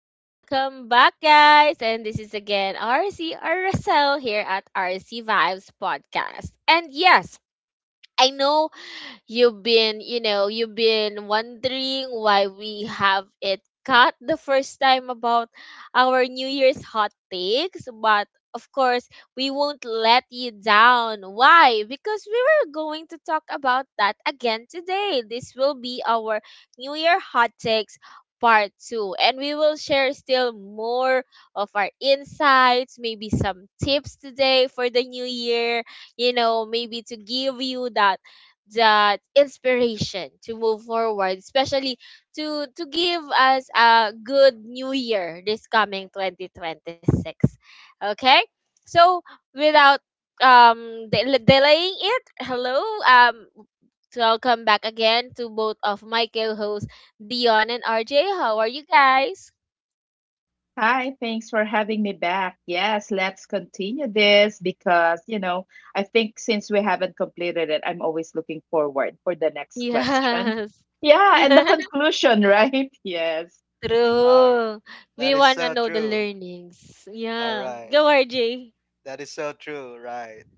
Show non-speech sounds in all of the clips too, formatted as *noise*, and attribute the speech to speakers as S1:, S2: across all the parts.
S1: Welcome back, guys. And this is again RC or Russell here at RC Vibes Podcast. And yes, I know. You've been, you've been wondering why we have it cut the first time about our New Year's hot takes, but of course, we won't let you down. Why? Because we were going to talk about that again today. This will be our New Year hot takes part 2, and we will share still more of our insights, maybe some tips today for the new year, maybe to give you that inspiration to move forward, especially to give us a good new year this coming 2026. Okay, so, without delaying it, hello, welcome back again to both of my co-hosts, Dion and RJ. How are you guys?
S2: Hi, thanks for having me back. Yes, let's continue this because, I think since we haven't completed it, I'm always looking forward for the next question.
S1: Yes.
S2: Yeah, and the
S1: *laughs*
S2: conclusion, right? *laughs* Yes.
S3: Uh,
S1: True. We
S3: that is
S1: want to
S3: so
S1: know the
S3: true.
S1: learnings,
S3: All
S1: yeah.
S3: right.
S1: Go, RJ.
S3: That is so true, right?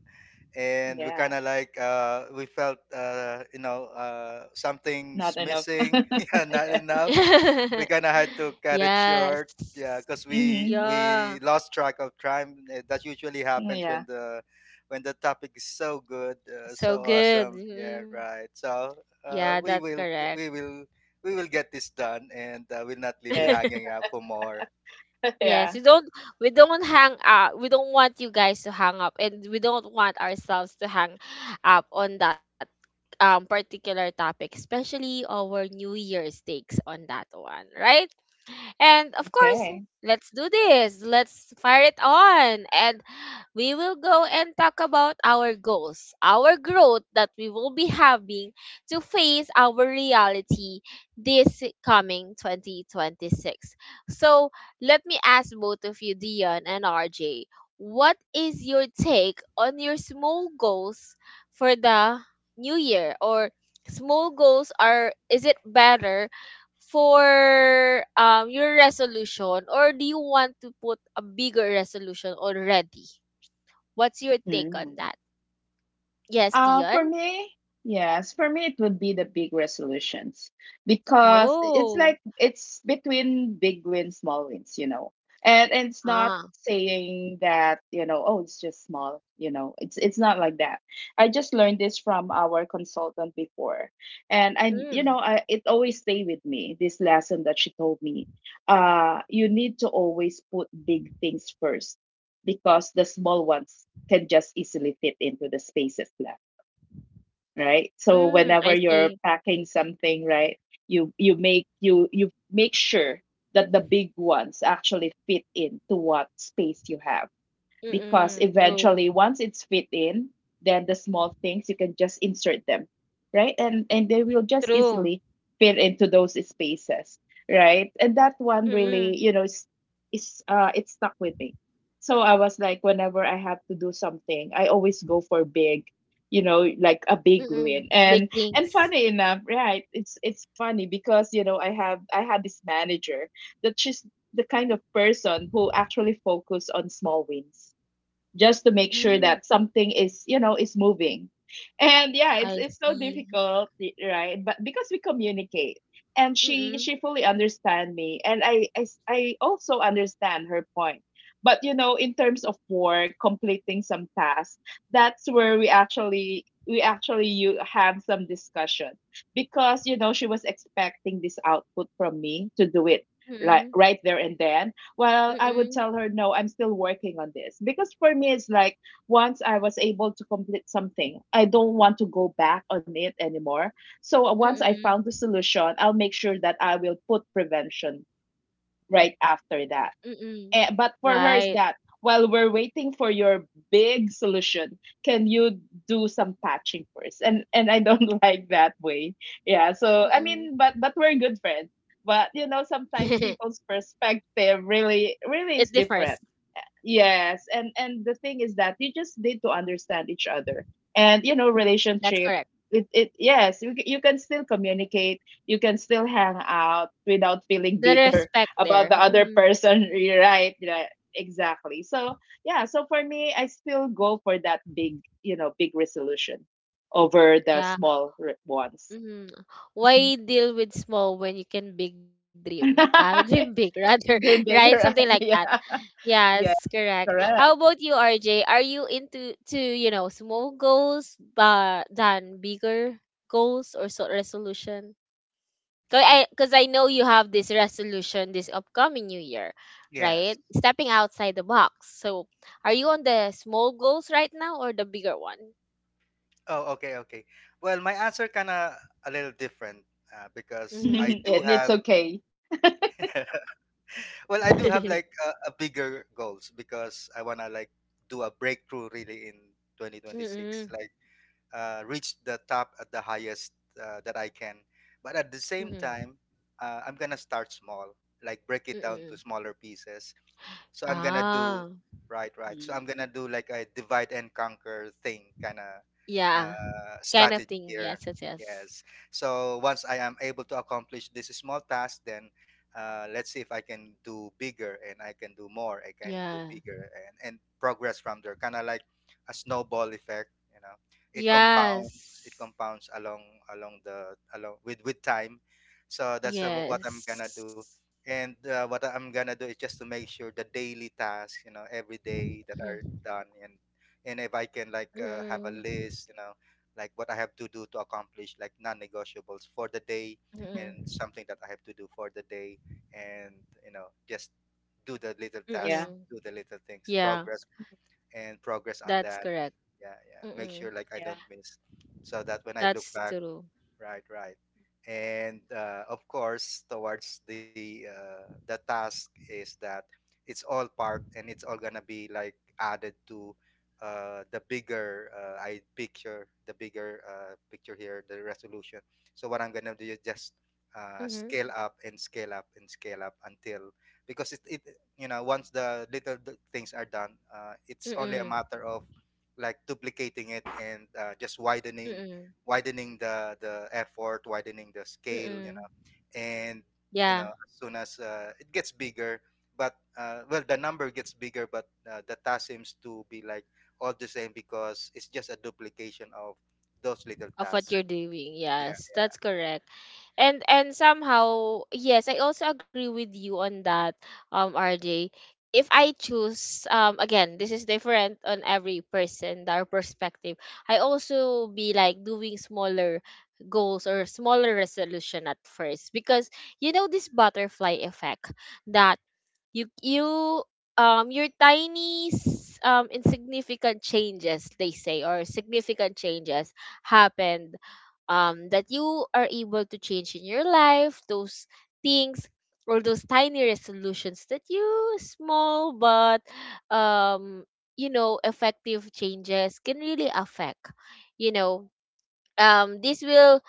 S3: And we
S2: Yeah,
S3: kind of like we felt
S2: not
S3: something's
S2: enough.
S3: missing, *laughs*
S2: *laughs*
S3: yeah, not
S2: Yes.
S3: enough.
S1: *laughs*
S3: We kind of had to cut it
S1: Yes.
S3: short, yeah, because we
S2: Mm-hmm.
S3: we
S1: Yeah.
S3: lost track of time. That usually happens when
S2: Yeah.
S3: the topic is so good,
S1: So
S3: so
S1: good.
S3: awesome, yeah,
S1: Mm.
S3: right. So
S1: Yeah, that's correct.
S3: we will we will get this done, and we'll not leave you
S2: Yes.
S3: hanging
S1: *laughs*
S3: out for more.
S2: *laughs*
S1: Yes,
S2: Yeah.
S1: we don't hang up. We don't want you guys to hang up, and we don't want ourselves to hang up on that particular topic, especially our New Year's takes on that one, right? And of course,
S2: Okay.
S1: let's do this. Let's fire it on. And we will go and talk about our goals, our growth that we will be having, to face our reality this coming 2026. So, let me ask both of you, Dion and RJ, what is your take on your small goals for the new year? Or small goals, are is it better for your resolution, or do you want to put a bigger resolution already? What's your take
S2: Mm.
S1: on that? Yes,
S2: Uh, for
S1: Dion?
S2: me, yes, for me, it would be the big resolutions because it's like
S1: Oh.
S2: it's between big wins, small wins, and it's not
S1: Ah.
S2: saying that, oh, it's just small, it's not like that. I just learned this from our consultant before, and I you know
S1: Mm.
S2: I, it always stay with me, this lesson that she told me. You need to always put big things first because the small ones can just easily fit into the spaces, right? So
S1: Mm.
S2: whenever
S1: I
S2: you're
S1: see.
S2: packing something, right, you make sure that the big ones actually fit into what space you have. Because
S1: Mm-mm.
S2: eventually,
S1: True.
S2: once it's fit in, then the small things, you can just insert them, right? And they will just easily
S1: True.
S2: fit into those spaces, right? And that one really,
S1: Mm-mm.
S2: is, it stuck with me. So I was like, whenever I have to do something, I always go for big, you know, like a big win.
S1: Mm-mm.
S2: and
S1: Big
S2: and
S1: things.
S2: funny enough, right, it's funny because, I had this manager that she's the kind of person who actually focus on small wins just to make sure that
S1: Mm.
S2: something is, is moving. And yeah, it's
S1: I
S2: it's so
S1: see.
S2: difficult, right, but because we communicate, and she
S1: Mm-mm.
S2: she fully understand me. And I also understand her point. But, in terms of work, completing some tasks, that's where we actually, you have some discussion, because, she was expecting this output from me to do it right
S1: Mm-mm.
S2: right there and then. Well, I would
S1: Mm-mm.
S2: tell her, no, I'm still working on this. Because for me, it's like, once I was able to complete something, I don't want to go back on it anymore. So once I found
S1: Mm-mm.
S2: the solution, I'll make sure that I will put prevention right after that.
S1: Mm-mm.
S2: But for her is
S1: Right.
S2: that while we're waiting for your big solution, can you do some patching first? And I don't *laughs* like that way. Yeah. So I
S1: Mm-mm.
S2: mean, but we're good friends. But, sometimes people's
S1: *laughs*
S2: perspective really really is
S1: It
S2: different.
S1: differs.
S2: Yes, and the thing is that you just need to understand each other, and,
S1: That's
S2: relationship.
S1: correct.
S2: It Yes, you can still communicate, you can still hang out without feeling
S1: The
S2: bitter
S1: respect
S2: *laughs*
S1: there.
S2: about the other
S1: Mm-hmm.
S2: person. *laughs* You're right, right, exactly. So yeah, so for me, I still go for that big, big resolution over the
S1: Yeah.
S2: small ones.
S1: Mhm.
S2: Mhm.
S1: Why deal with small when you can big dream? *laughs* I dream big
S2: *laughs*
S1: rather, *laughs* right?
S2: Dream big,
S1: Something
S2: you're
S1: like
S2: right?
S1: that.
S2: *laughs* Yeah,
S1: Yes,
S2: yeah,
S1: correct. How
S2: correct.
S1: about you, RJ? Are you into you know, small goals but than bigger goals or so resolution?
S3: Mm,
S1: Cause I know you have this resolution this upcoming new year,
S3: Yes.
S1: right? Stepping outside the box. So, are you on the small goals right now or the bigger one?
S3: Oh, okay, okay. Well, my answer kind of a little different
S2: *laughs*
S3: because
S1: Mm-hmm.
S2: And it's okay.
S3: *laughs* well, I do have like
S1: *laughs*
S3: a bigger goals because I wanna like do a breakthrough really in 2026,
S1: Mm-hmm.
S3: like reach the top at the highest that I can. But at the same time, I'm gonna start small, like break it down to
S1: Mm-hmm.
S3: smaller pieces so I'm gonna do
S1: Ah,
S3: right, right. So I'm
S2: Mm.
S3: gonna do like a divide and conquer thing kind of
S1: yeah. Kind
S3: strategy
S1: of thing.
S3: here.
S1: Yes, yes, yes.
S3: Yes. So once I am able to accomplish this small task, then let's see if I can do bigger and I can do more. I can do
S1: Yeah.
S3: bigger and progress from there. Kind of like a snowball effect, you know. It compounds. It
S1: Yes.
S3: compounds along with time. So that's what I'm gonna do.
S1: Yes.
S3: And what I'm gonna do is just to make sure the daily tasks, you know, every day that are
S1: Mhm.
S3: done, and if I can like have a
S1: Mm-mm.
S3: list, you know, like what I have to do to accomplish like non-negotiables for the day, and
S1: Mm-mm.
S3: something that I have to do for the day, and you know, just do the little tasks,
S2: Yeah.
S1: Mm-mm.
S3: do the little things,
S1: Yeah,
S3: progress and progress on
S1: that's
S3: that.
S1: correct.
S3: Yeah, yeah. Make
S1: Mm-mm.
S3: sure like I
S2: Yeah.
S3: don't miss, so that when I look
S1: That's
S3: back,
S1: true.
S3: right, right. And of course, towards the task is that it's all part and it's all gonna be like added to the bigger picture here, the resolution. So what I'm gonna do is just
S1: Mm-hmm.
S3: scale up and scale up and scale up until because it you know once the things are done, it's only a
S1: Mm-mm.
S3: matter of like duplicating it and just widening
S1: Mm-mm.
S3: widening the the effort, widening the scale, you
S1: Mm-mm.
S3: know. And you
S1: Yeah.
S3: know as soon as it gets bigger, but well the number gets bigger but the task seems to be like all the same because it's just a duplication of those little
S1: Of what
S3: tasks,
S1: you're doing.
S3: yeah,
S1: Yes,
S3: yeah.
S1: that's correct. And somehow, yes, I also agree with you on that, RJ. If I choose, again, this is different on every person, our perspective. I also be like doing smaller goals or smaller resolution at first, because you know this butterfly effect that you your tiny insignificant changes, they say, or significant changes happened, that you are able to change in your life, those things or those tiny resolutions that you small but um you know, effective changes can really affect, you know, this will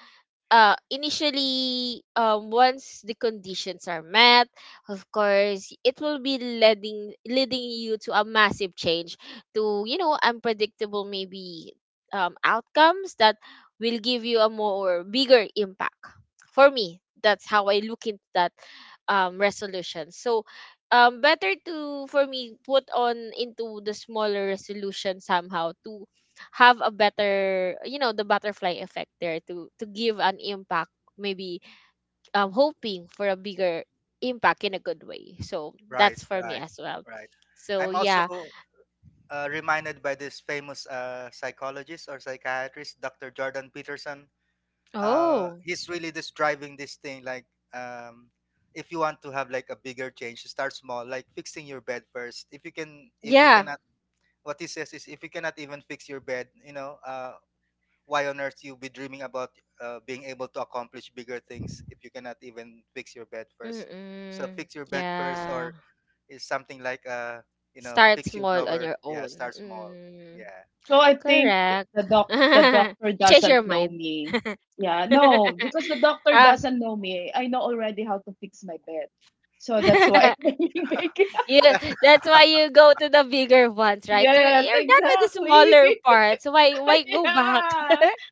S1: initially, once the conditions are met, of course, it will be leading you to a massive change, to, you know, unpredictable maybe outcomes that will give you a more bigger impact. For me, that's how I look into that resolution. So better to for me put on into the smaller resolution somehow, to have a better, you know, the butterfly effect there, to give an impact maybe, hoping for a bigger impact in a good way. So that's
S3: Right,
S1: for me as
S3: right,
S1: well.
S3: right.
S1: So
S3: I'm also
S1: yeah.
S3: reminded by this famous psychologist or psychiatrist, Dr. Jordan Peterson.
S1: Oh.
S3: He's really just driving this thing like um, if you want to have like a bigger change, start small, like fixing your bed first. If you can, if you
S1: Yeah.
S3: cannot, what he says is if you cannot even fix your bed, you know, why on earth you be dreaming about being able to accomplish bigger things if you cannot even fix your bed first? So
S1: Mm-mm.
S3: fix your bed first,
S1: Yeah,
S3: or is something like you know
S1: start
S3: fix your
S1: small on
S3: drawer,
S1: your own.
S3: yeah, start small.
S1: Mm.
S3: Yeah.
S2: So I think th-
S1: Correct.
S2: the
S1: *laughs*
S2: doc the doctor
S1: You change
S2: doesn't
S1: your
S2: know
S1: mind.
S2: me. Yeah, no, because the
S1: *laughs*
S2: doctor
S1: Ah.
S2: doesn't know me. I know already how to fix my bed. So that's why *laughs*
S1: *laughs*
S2: I'm big.
S1: Yeah,
S3: *laughs*
S1: that's why you go to the bigger ones, right?
S2: Yes,
S1: You're done with the smaller
S2: exactly.
S1: parts. Why
S2: *laughs*
S1: go back?
S2: Yeah.
S1: *laughs*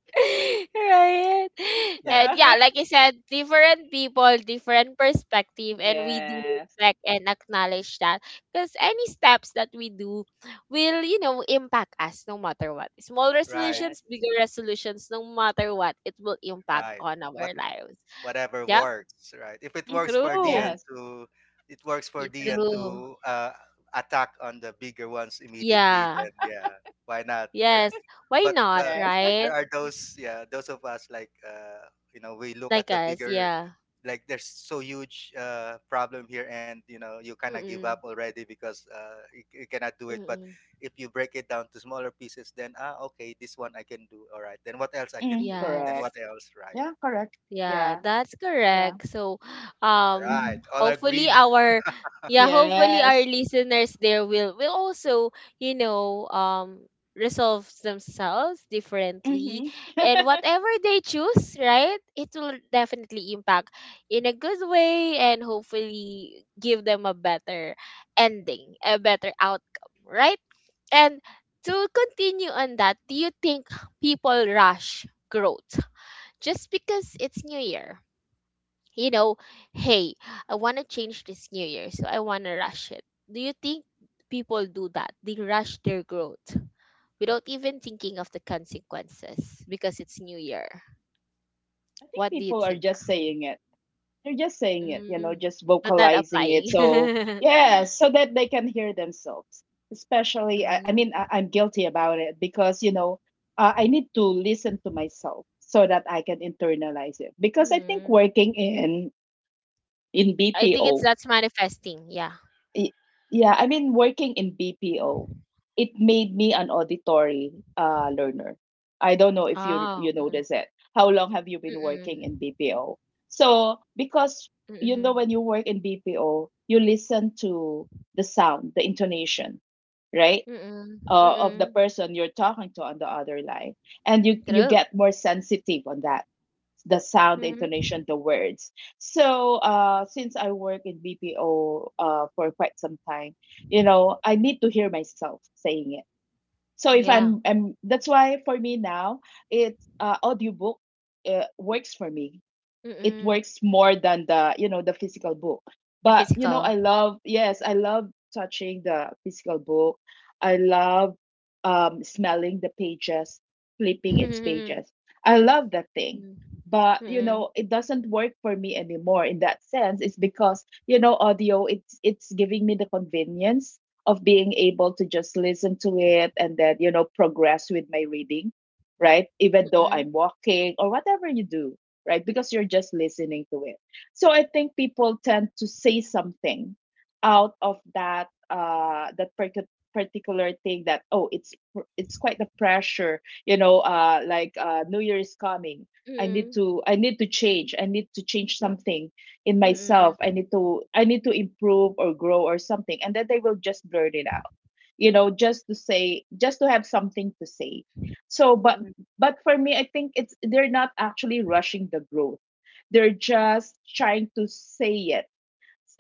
S1: Right.
S3: Yeah,
S1: And
S2: Yeah.
S1: yeah, like I said, different people, different perspective, and we do
S2: Yes.
S1: respect and acknowledge that. Because any steps that we do will, you know, impact us no matter what. Small
S3: right,
S2: Yes.
S1: resolutions, bigger resolutions, no matter what, it will impact
S3: right.
S1: on
S3: what
S1: our lives.
S3: whatever
S1: Yeah,
S3: works, right? If it
S2: Mhm.
S3: works for
S1: true.
S2: Yes.
S1: Y-
S3: dn
S1: True.
S3: to attack on the bigger ones immediately,
S1: Yeah.
S3: then yeah, why not, right?
S1: Yes. Why
S3: But
S1: not,
S2: Yes.
S3: there
S1: right?
S3: are those, yeah, those of us like you know we look at
S1: Like
S3: the
S1: us,
S3: bigger,
S1: yeah.
S3: like there's so huge problem here and you know you kind of give up
S1: Mm-mm.
S3: already because you cannot do it. But
S1: Mm-mm.
S3: if you break it down to smaller pieces, then ah, okay, this one I can do, all right, then what else I
S2: Mm,
S3: can do, then
S2: correct.
S3: what
S1: Yes.
S3: else, right?
S2: Yeah, correct. Yeah.
S1: Yeah, that's
S2: Yeah.
S1: correct. So,
S3: All
S1: um,
S2: Hmm.
S3: right, all
S1: hopefully
S3: agreed.
S1: our, yeah, hopefully our
S2: Yes.
S1: listeners there will also, you know, resolve themselves differently,
S2: Hmm. *laughs*
S1: and
S2: I
S1: whatever they choose, right? It will definitely impact in a good way, and hopefully give them a better ending, a better outcome, right? And to continue on that, do you think people rush growth just because it's New Year? You know, hey, I want to change this New Year, so I want to rush it. Do you think people do that? They rush their growth without even thinking of the consequences because it's New Year.
S2: think
S1: What do you
S2: people are
S1: think?
S2: just saying it. They're just saying it,
S1: Mm,
S2: just
S1: but not
S2: vocalizing
S1: applying.
S2: it. So,
S1: *laughs*
S2: yeah, so that they can hear themselves. Especially, I, I mean,
S1: Mm,
S2: I, I'm guilty about it because, I need to listen to myself so that I can internalize it. Because I think
S1: mm.
S2: working in
S1: I think it's
S2: BPO.
S1: that's manifesting. Yeah.
S2: Y- yeah, I mean, working in BPO, it made me an auditory learner. I don't know if you
S1: Oh.
S2: you
S1: Mm,
S2: notice it. How long have you been
S1: mm,
S2: working in BPO? So because,
S1: mm,
S2: when you
S1: mm,
S2: work in BPO, you listen to the sound, the intonation, right?
S1: mm,
S2: Of the
S1: mm.
S2: person you're talking to on the other line, and you
S1: True.
S2: get more sensitive on that, the sound, the
S1: Mm-hmm.
S2: intonation, the words. So since I work in BPO for quite some time, I need to hear myself saying it. So if
S1: Yeah.
S2: I'm, I'm that's why for me now, it's audiobook works for me. It
S1: Mm-mm.
S2: works more than the, the physical book.
S1: The
S2: But, i
S1: physical.
S2: love yes i love touching the physical book. I love smelling the pages, flipping its
S1: Mm.
S2: pages. I love that thing.
S1: Mm,
S2: But,
S1: mm,
S2: it doesn't work for me anymore in that sense. It's because, audio, it's giving me the convenience of being able to just listen to it and then, progress with my reading, right? Even though I'm
S1: mm,
S2: walking or whatever you do, right? Because you're just listening to it. So I think people tend to say something out of that particular thing that, oh, it's quite the pressure, like New Year is coming. I need to change. I need to change something in myself.
S1: mm,
S2: I need to improve or grow or something. And then they will just blurt it out. Just to say, just to have something to say. So, but
S1: mm.
S2: but for me, I think it's they're not actually rushing the growth. They're just trying to say,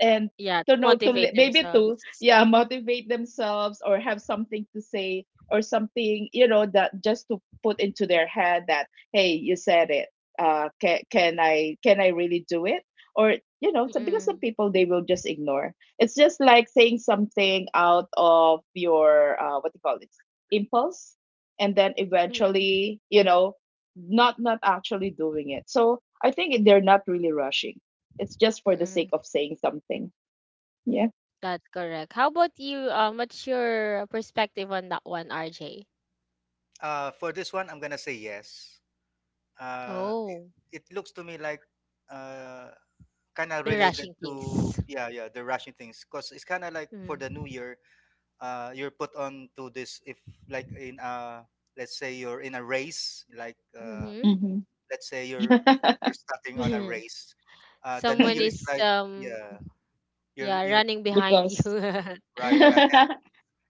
S2: and
S1: Yeah,
S2: to
S1: to
S2: know,
S1: motivate
S2: maybe to,
S1: themselves.
S2: yeah, motivate themselves, or have something to say, or something, that just to put into their head that, hey, you said it. Can I really do it, or, so because some
S1: Mm,
S2: people they will just ignore. It's just like saying something out of your what do you call it, impulse, and then
S1: mm,
S2: eventually, not actually doing it. So I think they're not really rushing, it's just for the sake
S1: mm.
S2: of saying something. Yeah.
S1: That's correct. How about you? What's your perspective on that one, RJ?
S3: *laughs* For this one I'm gonna say yes. uh, it,
S1: Oh,
S3: it looks to me like uh, kind of
S1: they're
S3: related
S1: rushing
S3: to,
S1: things.
S3: yeah, yeah, the rushing things because it's kind of like for
S1: Mm.
S3: the new year you're put on to this, if like in a, let's say you're in a race, like
S1: Mm-hmm.
S2: Hmm.
S3: let's say you're starting on a
S1: *laughs*
S3: race. The new
S1: Someone
S3: year
S2: *laughs*
S3: is
S1: is
S3: like,
S1: um,
S3: yeah,
S1: yeah, running
S3: you're
S1: behind you.
S2: Because.
S3: right,
S1: *laughs*
S3: right.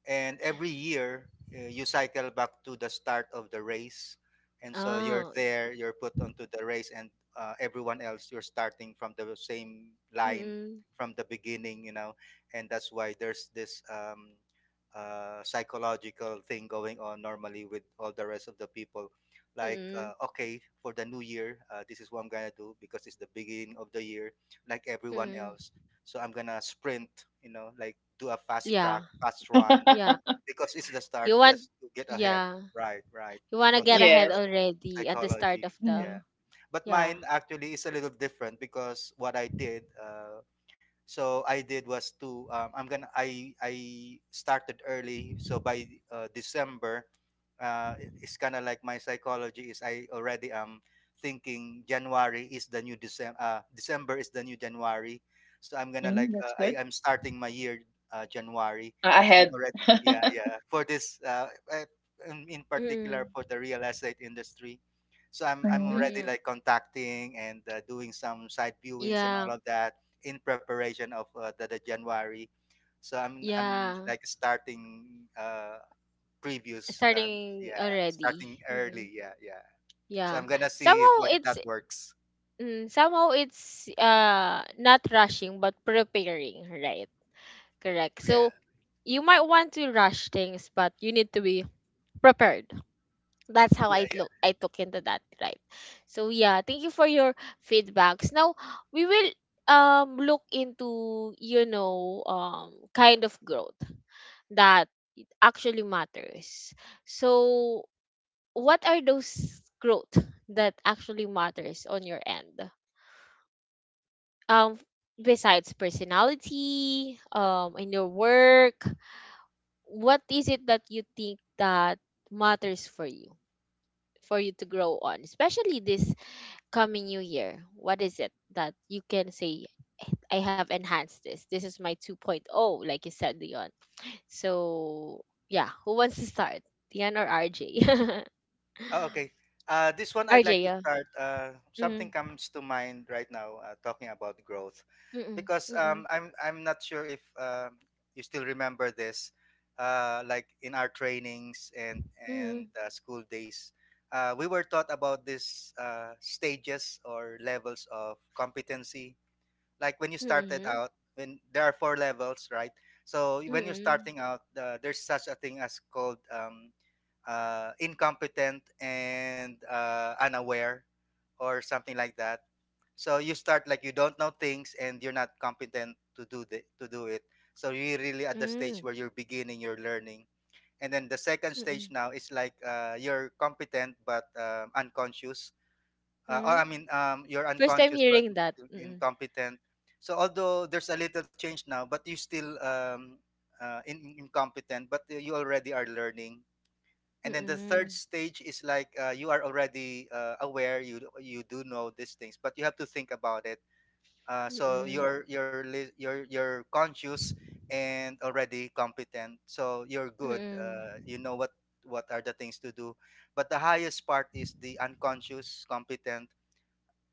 S3: And every year you cycle back to the start of the race, and so you're
S1: Oh,
S3: there, you're put onto the race, and everyone else, you're starting from the same
S1: mm,
S3: line,
S1: mm,
S3: from the beginning, you know. And that's why there's this psychological thing going on normally with all the rest of the people, like,
S1: mm,
S3: okay, for the new year, this is what I'm gonna do, because it's the beginning of the year, like everyone
S1: mm.
S3: else, so I'm gonna sprint, you know, like do a fast track,
S1: Yeah,
S3: fast run,
S1: yeah.
S2: *laughs*
S3: because it's the start,
S1: You want,
S3: just to get ahead.
S1: yeah.
S3: Right, right.
S1: You
S3: So
S1: wanna get
S3: that's the
S1: ahead
S2: Yes.
S1: already at the start
S3: psychology.
S1: of the,
S3: Yeah.
S2: Mm.
S3: But
S1: yeah.
S3: mine actually is a little different, because what I did, was to I'm gonna I started early, so by December it's kind of like my psychology is I already am thinking January is the new December, December is the new January, so I'm gonna
S2: Mm,
S3: like
S2: that's
S3: I
S2: good.
S3: am starting my year January.
S2: I
S3: So I'm
S2: had.
S3: already, yeah,
S2: *laughs*
S3: yeah, for this in
S1: Mm-mm.
S3: particular for the real estate industry, so I'm
S2: Mm.
S3: already
S1: Mm-mm.
S3: like contacting and doing some side viewings and
S1: Yeah.
S3: all of that in preparation of the January. So I'm
S1: Yeah.
S3: like starting uh previews.
S1: Starting
S3: Yeah,
S1: already.
S3: starting
S1: Mm-mm.
S3: early. Yeah, yeah. So
S1: Yeah.
S3: I'm gonna see
S1: Somehow
S3: if
S1: it's,
S3: that works.
S1: mm, somehow it's not rushing but preparing, right? Correct.
S3: Yeah,
S1: So you might want to rush things, but you need to be prepared. That's how
S3: yeah,
S1: I took into that, right? So yeah, thank you for your feedbacks. Now we will look into, you know, kind of growth that actually matters. So what are those growth that actually matters on your end? Um, besides personality, in your work, what is it that you think that matters for you to grow on, especially this coming new year? What is it that you can say, I have enhanced this? This is my 2.0, like you said, Leon. So, yeah, who wants to start? Dion or RJ?
S3: Oh, okay. This one I'd
S1: RJ, *laughs*
S3: like to
S1: yeah.
S3: start.
S1: Mm-mm,
S3: Something comes to mind right now talking about growth,
S1: mm-mm,
S3: because
S1: mm-mm,
S3: I'm not sure if you still remember this. Like in our trainings and
S1: mm-mm,
S3: school days, we were taught about this stages or levels of competency, like when you started
S1: mm-mm,
S3: out, when there are four levels, right? So when you're
S1: mm-mm,
S3: starting out, there's such a thing as called incompetent and unaware, or something like that. So you start like you don't know things, and you're not competent to do the, to do it. So you're really at the
S1: mm-mm,
S3: stage where you're beginning your learning. And then the second
S1: mm-mm,
S3: stage now is like you're competent but unconscious.
S1: mm-mm.
S3: You're
S1: First time
S3: unconscious but
S1: hearing
S3: it's
S1: that.
S3: still
S1: Mm-mm,
S3: incompetent. So although there's a little change now, but you still in- incompetent, but you already are learning. And then the
S1: mm-mm,
S3: third stage is like you are already aware, you do know these things, but you have to think about it. So
S1: mm-mm,
S3: you're li- you're conscious and already competent, so you're good.
S1: mm-mm,
S3: You know what are the things to do, but the highest part is the unconscious competent,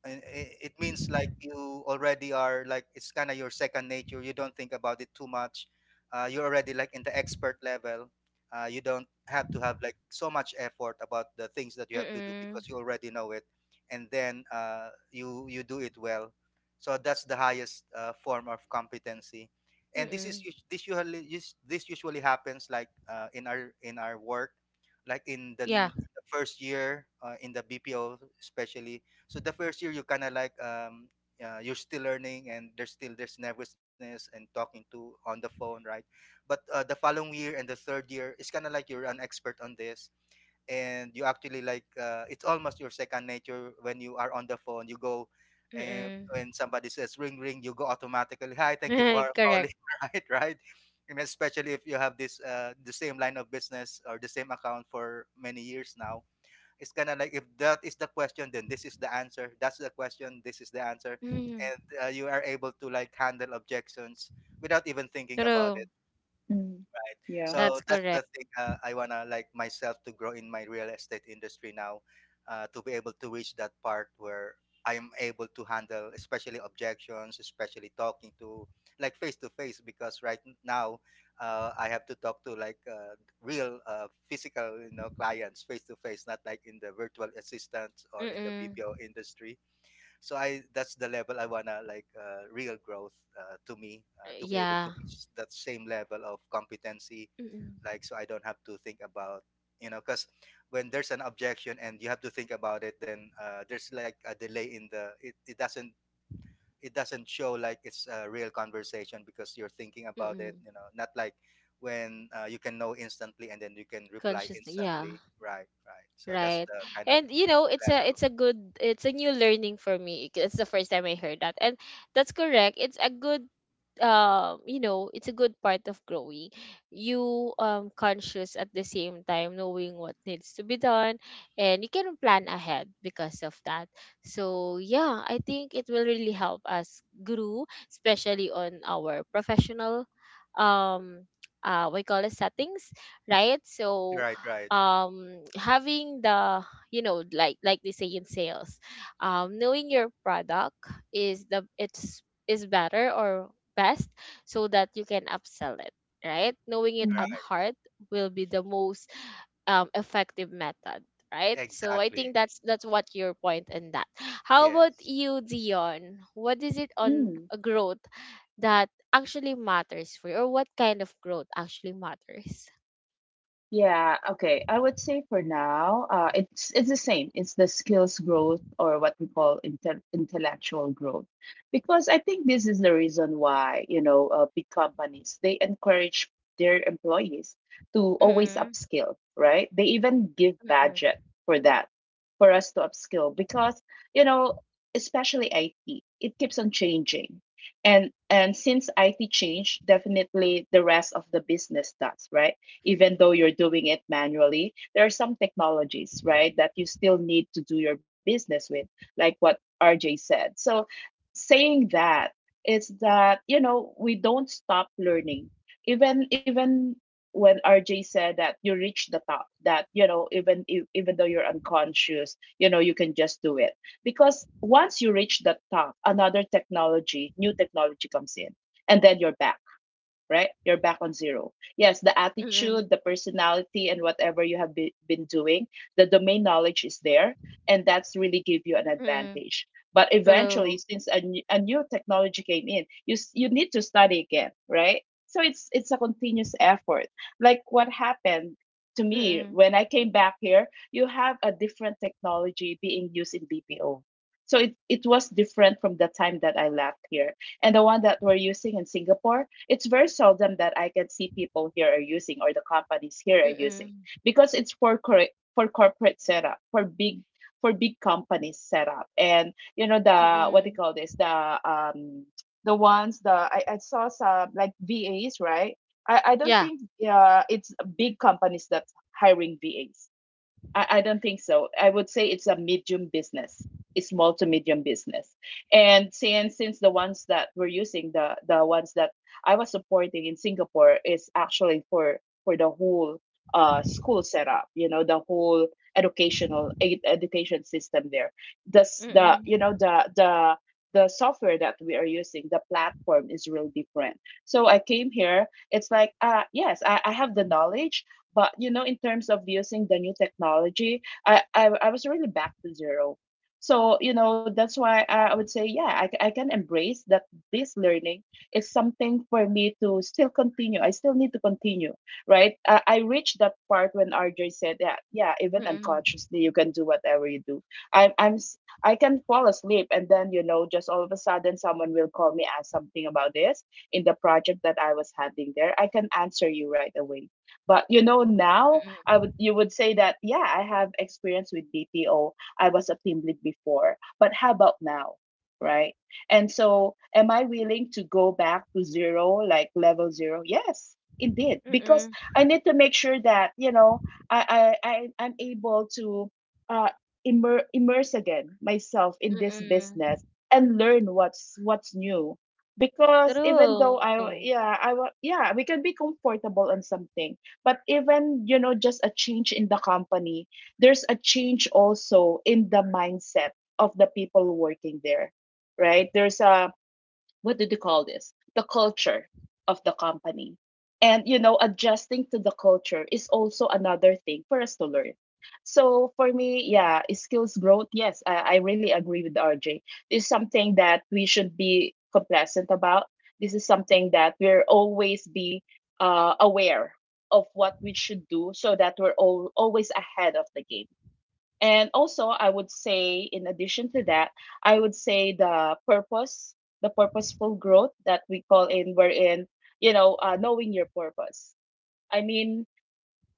S3: and it means like you already are like it's kind of your second nature, you don't think about it too much. You're already like in the expert level. You don't have to have like so much effort about the things that you have to do
S1: mm-mm,
S3: because you already know it, and then you you do it well. So that's the highest form of competency, and this is
S1: mm-mm.
S3: us- this usually happens like in our work, like in
S1: Yeah.
S3: the first year in the BPO especially. So the first year you kind of like you're still learning, and there's still there's nervousness and talking to on the phone, right? But the following year and the third year, it's kind of like you're an expert on this, and you actually like it's almost your second nature when you are on the phone. You go, and
S1: Mm-mm.
S3: when somebody says ring ring, you go automatically. Hi, thank you for
S1: *laughs* Correct.
S3: calling, *laughs* right? Right? And especially if you have this the same line of business or the same account for many years now, it's kind of like if that is the question, then this is the answer. That's the question. This is the answer,
S1: Mm,
S3: and you are able to like handle objections without even thinking about
S1: true.
S3: it.
S2: Mm. Yeah.
S3: So
S1: That's
S3: that's
S1: correct.
S3: the thing I wanna like myself to grow in my real estate industry now, to be able to reach that part where I am able to handle, especially objections, especially talking to like face to face. Because now, I have to talk to like real physical, you know, clients face to face, not like in the virtual assistants or in the
S1: Mm.
S3: BPO industry. So I that's the level I wanna like real growth to me to be
S1: Yeah.
S3: able to reach that same level of competency
S1: Mm.
S3: like so I don't have to think about you know because when there's an objection and you have to think about it, then there's like a delay in it doesn't it doesn't show like it's a real conversation because you're thinking about it,
S1: Mm.
S3: you know, not like when you can know instantly and then you can reply
S1: Consciously, yeah.
S3: instantly. Right, right. So that's
S1: Right.
S3: the kind of
S1: And you know, it's
S3: level.
S1: a good, it's a new learning for me. It's the first time I heard that. And that's correct. It's a good, um, you know, it's a good part of growing, you conscious at the same time knowing what needs to be done, and you can plan ahead because of that. So yeah, I think it will really help us grow, especially on our professional, um, uh, we call it settings, right? So,
S3: Right, right,
S1: um, having the, you know, like they say in sales, um, knowing your product is the, it's is better or best, so that you can upsell it, right? Knowing it
S2: Hmm.
S1: at
S3: right.
S1: heart will be the most, effective method, right? So I think
S3: Exactly.
S1: that's what your point in that. How about
S3: Yes.
S1: you, Dion? What is it on
S2: Mm.
S1: a growth that actually matters for you, or what kind of growth actually matters?
S2: Yeah, okay. I would say for now, it's the same. It's the skills growth, or what we call intellectual growth. Because I think this is the reason why, big companies, they encourage their employees to always
S1: Mm-mm.
S2: upskill, right? They even give budget for that, for us to upskill because, you know, especially IT, it keeps on changing. And since IT changed, definitely the rest of the business does, right? Even though you're doing it manually. There are some technologies, right, that you still need to do your business with, like what RJ said. So, saying that is that, we don't stop learning. Even when RJ said that you reach the top, that, even if, even though you're unconscious, you can just do it, because once you reach the top, another technology, new technology comes in, and then you're back, right? You're back on zero. Yes, the attitude,
S1: Mm,
S2: the personality, and whatever you have been doing, the domain knowledge is there, and that's really give you an
S1: mm,
S2: advantage. But eventually,
S1: true.
S2: since a new technology came in, you need to study again, right? So it's a continuous effort. Like what happened to me
S1: Mm,
S2: when I came back here, you have a different technology being used in BPO. So it was different from the time that I left here, and the one that we're using in Singapore, it's very seldom that I can see people here are using, or the companies here are using,
S1: mm,
S2: because it's for, correct, for corporate setup, for big companies setup. And, the what they
S1: mm.
S2: call this, the ones, I saw some like VAs, right? I don't
S1: Yeah.
S2: think it's big companies that's hiring VAs. I don't think so. I would say it's a medium business. It's small to medium business. And since the ones that we're using, the ones that I was supporting in Singapore is actually for the whole school setup. The whole educational education system there. This the you know
S1: Mm,
S2: the software that we are using, the platform is real different. So I came here, it's like, yes, I have the knowledge, but, in terms of using the new technology, I was really back to zero. So, that's why I would say, yeah, I can embrace that this learning is something for me to still continue. I still need to continue, right? I reached that part when RJ said that, yeah, even
S1: mm, mm,
S2: unconsciously, you can do whatever you do. I'm I'm s- I can fall asleep, and then just all of a sudden someone will call me, ask something about this in the project that I was handling there. I can answer you right away. But now I would you would say that, yeah, I have experience with BPO. I was a team lead before, but how about now? Right? And so am I willing to go back to zero, like level zero? Yes, indeed.
S1: mm,
S2: Because
S1: mm.
S2: I need to make sure that, I I, I'm able to uh immerse again myself in this business and learn what's new. Because even though
S1: True.
S2: I yeah I wa- yeah we can be comfortable on something, but even just a change in the company, there's a change also in the mindset of the people working there, right? There's a, what do they call this? The culture of the company. And adjusting to the culture is also another thing for us to learn. So for me, yeah, skills growth, yes, I really agree with RJ. It's something that we should be complacent about. This is something that we're always be aware of what we should do so that we're always ahead of the game. And also, I would say, in addition to that, I would say the purpose, the purposeful growth that we call in, wherein, knowing your purpose. I mean,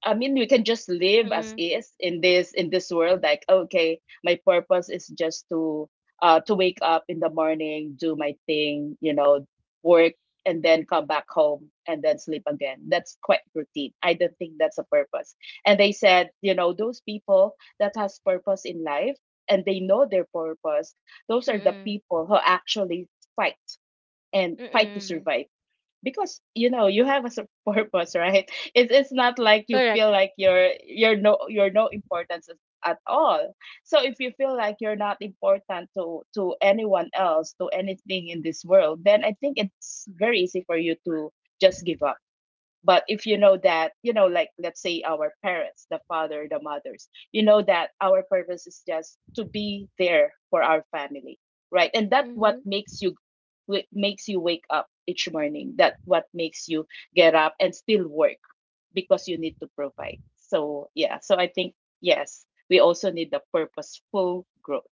S2: I mean, we can just live as
S1: Mm,
S2: is in this world. Like, okay, my purpose is just to wake up in the morning, do my thing, work, and then come back home and then sleep again. That's quite routine. I don't think that's a purpose. And they said, those people that has purpose in life, and they know their purpose, those are the
S1: mm,
S2: people who actually fight and fight to
S1: mm.
S2: survive. Because you have a *laughs* purpose, right? It's not like
S1: Correct.
S2: you feel like you're no importance at all. So if you feel like you're not important to anyone else, to anything in this world, then I think it's very easy for you to just give up. But if you know that, like, let's say our parents, the father, the mothers, you know that our purpose is just to be there for our family, right? And that's
S1: Mm-hmm.
S2: what makes you wake up each morning. That what makes you get up and still work because you need to provide. So yeah, so I think yes, we also need the purposeful growth.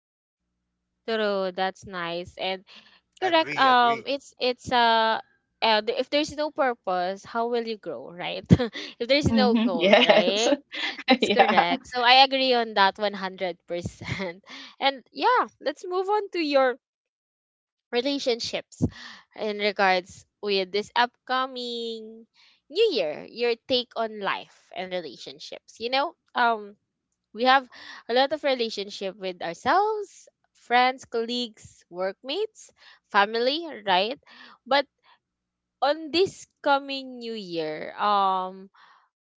S1: True. That's nice. And correct.
S3: Agree, agree.
S1: It's if there's no purpose, how will you grow, right? *laughs* If there's no
S2: Hmm,
S1: goal,
S2: yes.
S1: right?
S2: *laughs*
S1: That's
S2: Yeah.
S1: correct. So I agree on that 100%. *laughs* And yeah, let's move on to your relationships in regards with this upcoming new year, your take on life and relationships. You know, um, we have a lot of relationship with ourselves, friends, colleagues, workmates, family, right? But on this coming new year, um,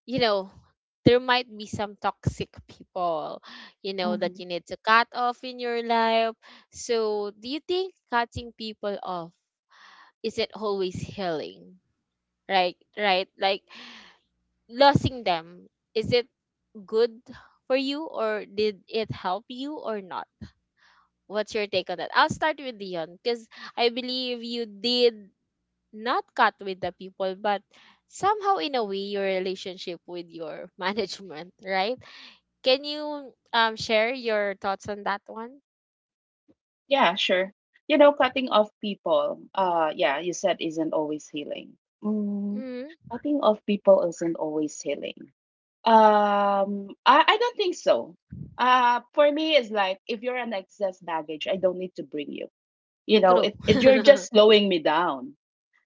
S1: you know, there might be some toxic people, you know, that you need to cut off in your life. So do you think cutting people off, is it always healing? Right, like losing them, is it good for you, or did it help you or not? What's your take on that? I'll start with Dion, because I believe you did not cut with the people, but somehow in a way your relationship with your *laughs* management, right? Can you share your thoughts on that one?
S2: Yeah, sure. You know, cutting off people, yeah, you said isn't always healing. Mm,
S1: Hmm.
S2: cutting off people isn't always healing. I don't think so. For me, it's like if you're an excess baggage, I don't need to bring you. You know,
S1: True.
S2: it You're just
S1: *laughs*
S2: slowing me down,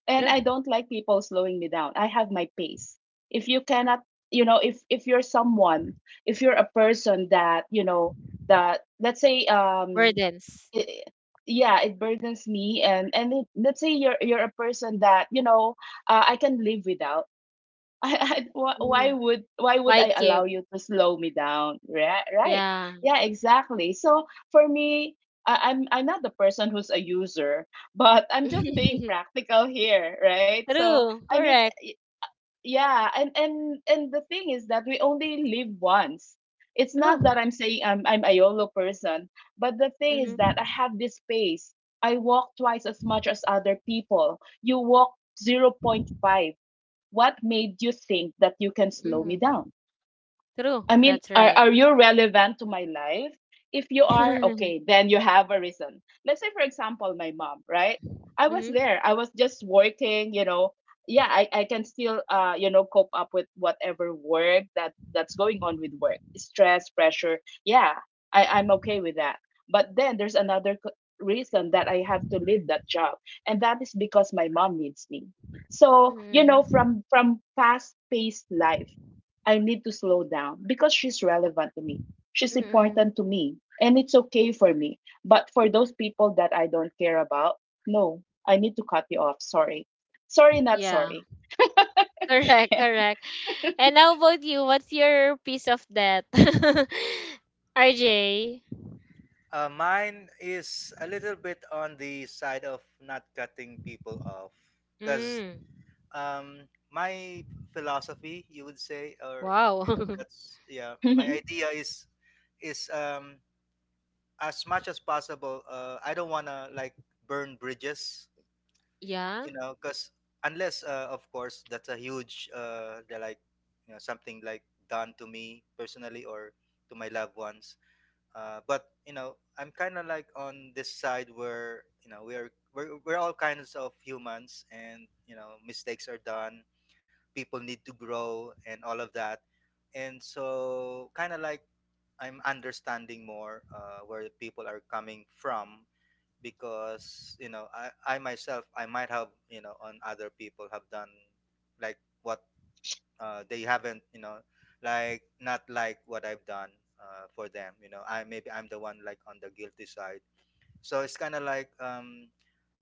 S2: and I
S1: True.
S2: don't like people slowing me down. I have my pace. If you cannot, if you're someone, if you're a person that you know that, let's say,
S1: Burdens.
S2: it, yeah it burdens me. And it, let's say you're a person that you know, I can live without. *laughs*
S1: Hmm.
S2: Why would
S1: Why
S2: I
S1: keep?
S2: allow you to slow me down, right? Right?
S1: Yeah.
S2: Yeah, exactly. So for me, I'm not the person who's a user, but I'm just being *laughs*
S1: *laughs*
S2: practical here, right? So
S1: True,
S2: I mean,
S1: correct.
S2: yeah, and the thing is that we only live once. It's not that
S1: True.
S2: I'm saying I'm a YOLO person, but the thing is
S1: Mm-hmm.
S2: that I have this space. I walk twice as much as other people. You walk zero point 0.5. What made you think that you can slow
S1: Mm-hmm.
S2: me down?
S1: True,
S2: I mean,
S1: that's
S2: are,
S1: right.
S2: are you relevant to my life? If you
S1: *laughs*
S2: are,
S1: Mm-hmm.
S2: okay, then you have a reason. Let's say, for example, my mom, right? I was there. I was just working. Yeah, I can still, cope up with whatever work that that's going on with work, stress, pressure. Yeah, I'm okay with that. But then there's another reason that I have to leave that job, and that is because my mom needs me. So,
S1: Mm-hmm.
S2: from fast-paced life, I need to slow down because she's relevant to me. She's
S1: Mm-hmm.
S2: important to me, and it's okay for me. But for those people that I don't care about, no, I need to cut you off. Sorry. Sorry, not
S1: Yeah,
S2: sorry.
S1: *laughs* correct,
S2: *laughs*
S1: correct. And how about you? What's your piece of that? *laughs* RJ.
S3: Mine is a little bit on the side of not cutting people off, because
S1: Mm.
S3: my philosophy, you would say, or
S1: Wow.
S3: if
S1: *laughs*
S3: that's yeah,
S2: Actually,
S3: my idea is as much as possible. I don't wanna like burn bridges,
S1: Yeah.
S3: you know, because unless of course that's a huge they're like you know something like done to me personally or to my loved ones, but you know I'm kind of like on this side where you know we're all kinds of humans, and you know mistakes are done, people need to grow and all of that, and so kind of like I'm understanding more where the people are coming from, because you know I myself I might have you know on other people have done like what they haven't you know, like not like what I've done for them, you know I maybe I'm the one like on the guilty side. So it's kind of like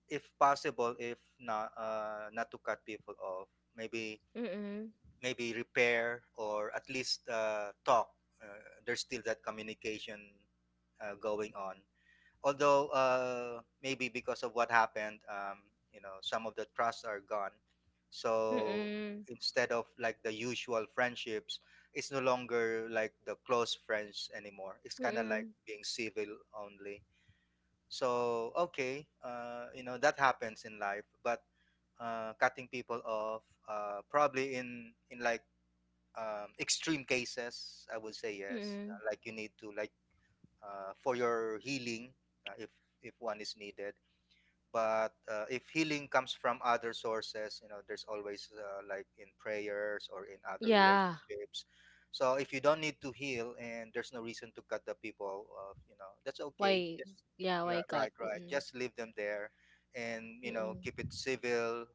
S3: if possible, if not not to cut people off, maybe
S1: Mm-mm.
S3: maybe repair or at least talk. Uh, there's still that communication going on, although maybe because of what happened, you know, some of the trusts are gone. So
S1: Mm-mm.
S3: instead of like the usual friendships, it's no longer like the close friends anymore. It's kind of like
S1: Mm-mm.
S3: being civil only. So okay, you know that happens in life, but cutting people off, probably in like extreme cases, I would say yes.
S1: Mm-mm.
S3: Like you need to like for your healing uh, if if one is needed, but if healing comes from other sources, you know there's always like in prayers or in other
S1: Yeah.
S3: relationships. So if you don't need to heal and there's no reason to cut the people off, you know that's okay,
S1: Why?
S3: just
S1: Yeah, why
S3: yeah,
S1: God?
S3: right, right,
S1: Mm-mm.
S3: just leave them there and you know keep it
S1: Mm-mm.
S3: civil,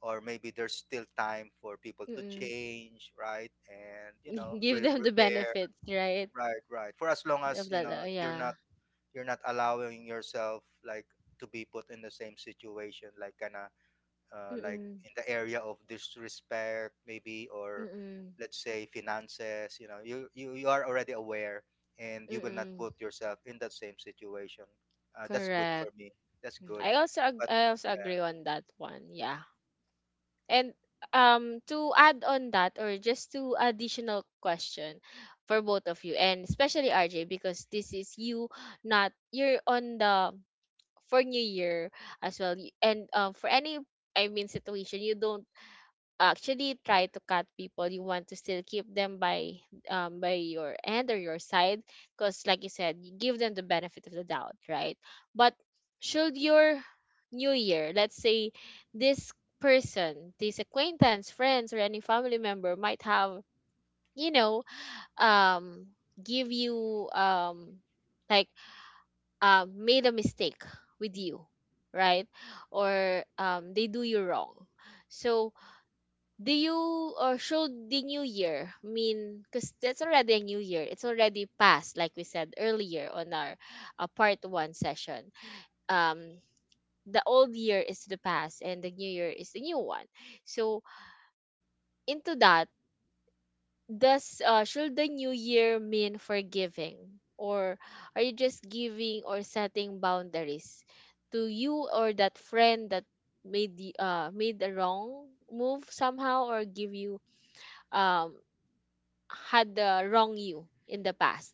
S3: or maybe there's still time for people to
S1: Mm-mm.
S3: change, right? And you know
S1: *laughs* Give them the
S3: repair.
S1: benefits, right?
S3: Right, right. For as long as
S1: Of
S3: you
S1: that.
S3: know
S1: Uh,
S3: you're
S1: yeah.
S3: not you're not allowing yourself like to be put in the same situation, like kind of like
S1: Mm-mm.
S3: in the area of disrespect maybe, or
S1: Mm-mm.
S3: let's say finances, you know you are already aware and you will not
S1: Mm-mm.
S3: put yourself in that same situation, that's good for
S1: Correct.
S3: me, that's
S1: Mm.
S3: good
S1: I also
S3: but
S1: I also
S3: yeah.
S1: agree on that one. Yeah. And to add on that, or just to additional question for both of you, and especially RJ, because this is you, not you're on the for New Year as well, and for any, situation you don't actually try to cut people, you want to still keep them by your end or your side, because like you said, you give them the benefit of the doubt, right? But should your new year, let's say this person, this acquaintance, friends, or any family member might have, you know um give you, like made a mistake with you, right? Or they do you wrong. So do you show the new year? I mean, because that's already a new year. It's already past, like we said earlier on our part one session. Um, the old year is the past, and the new year is the new one. So into that, does should the new year mean forgiving, or are you just giving or setting boundaries to you or that friend that made the wrong move somehow, or give you um had the wrong you in the past?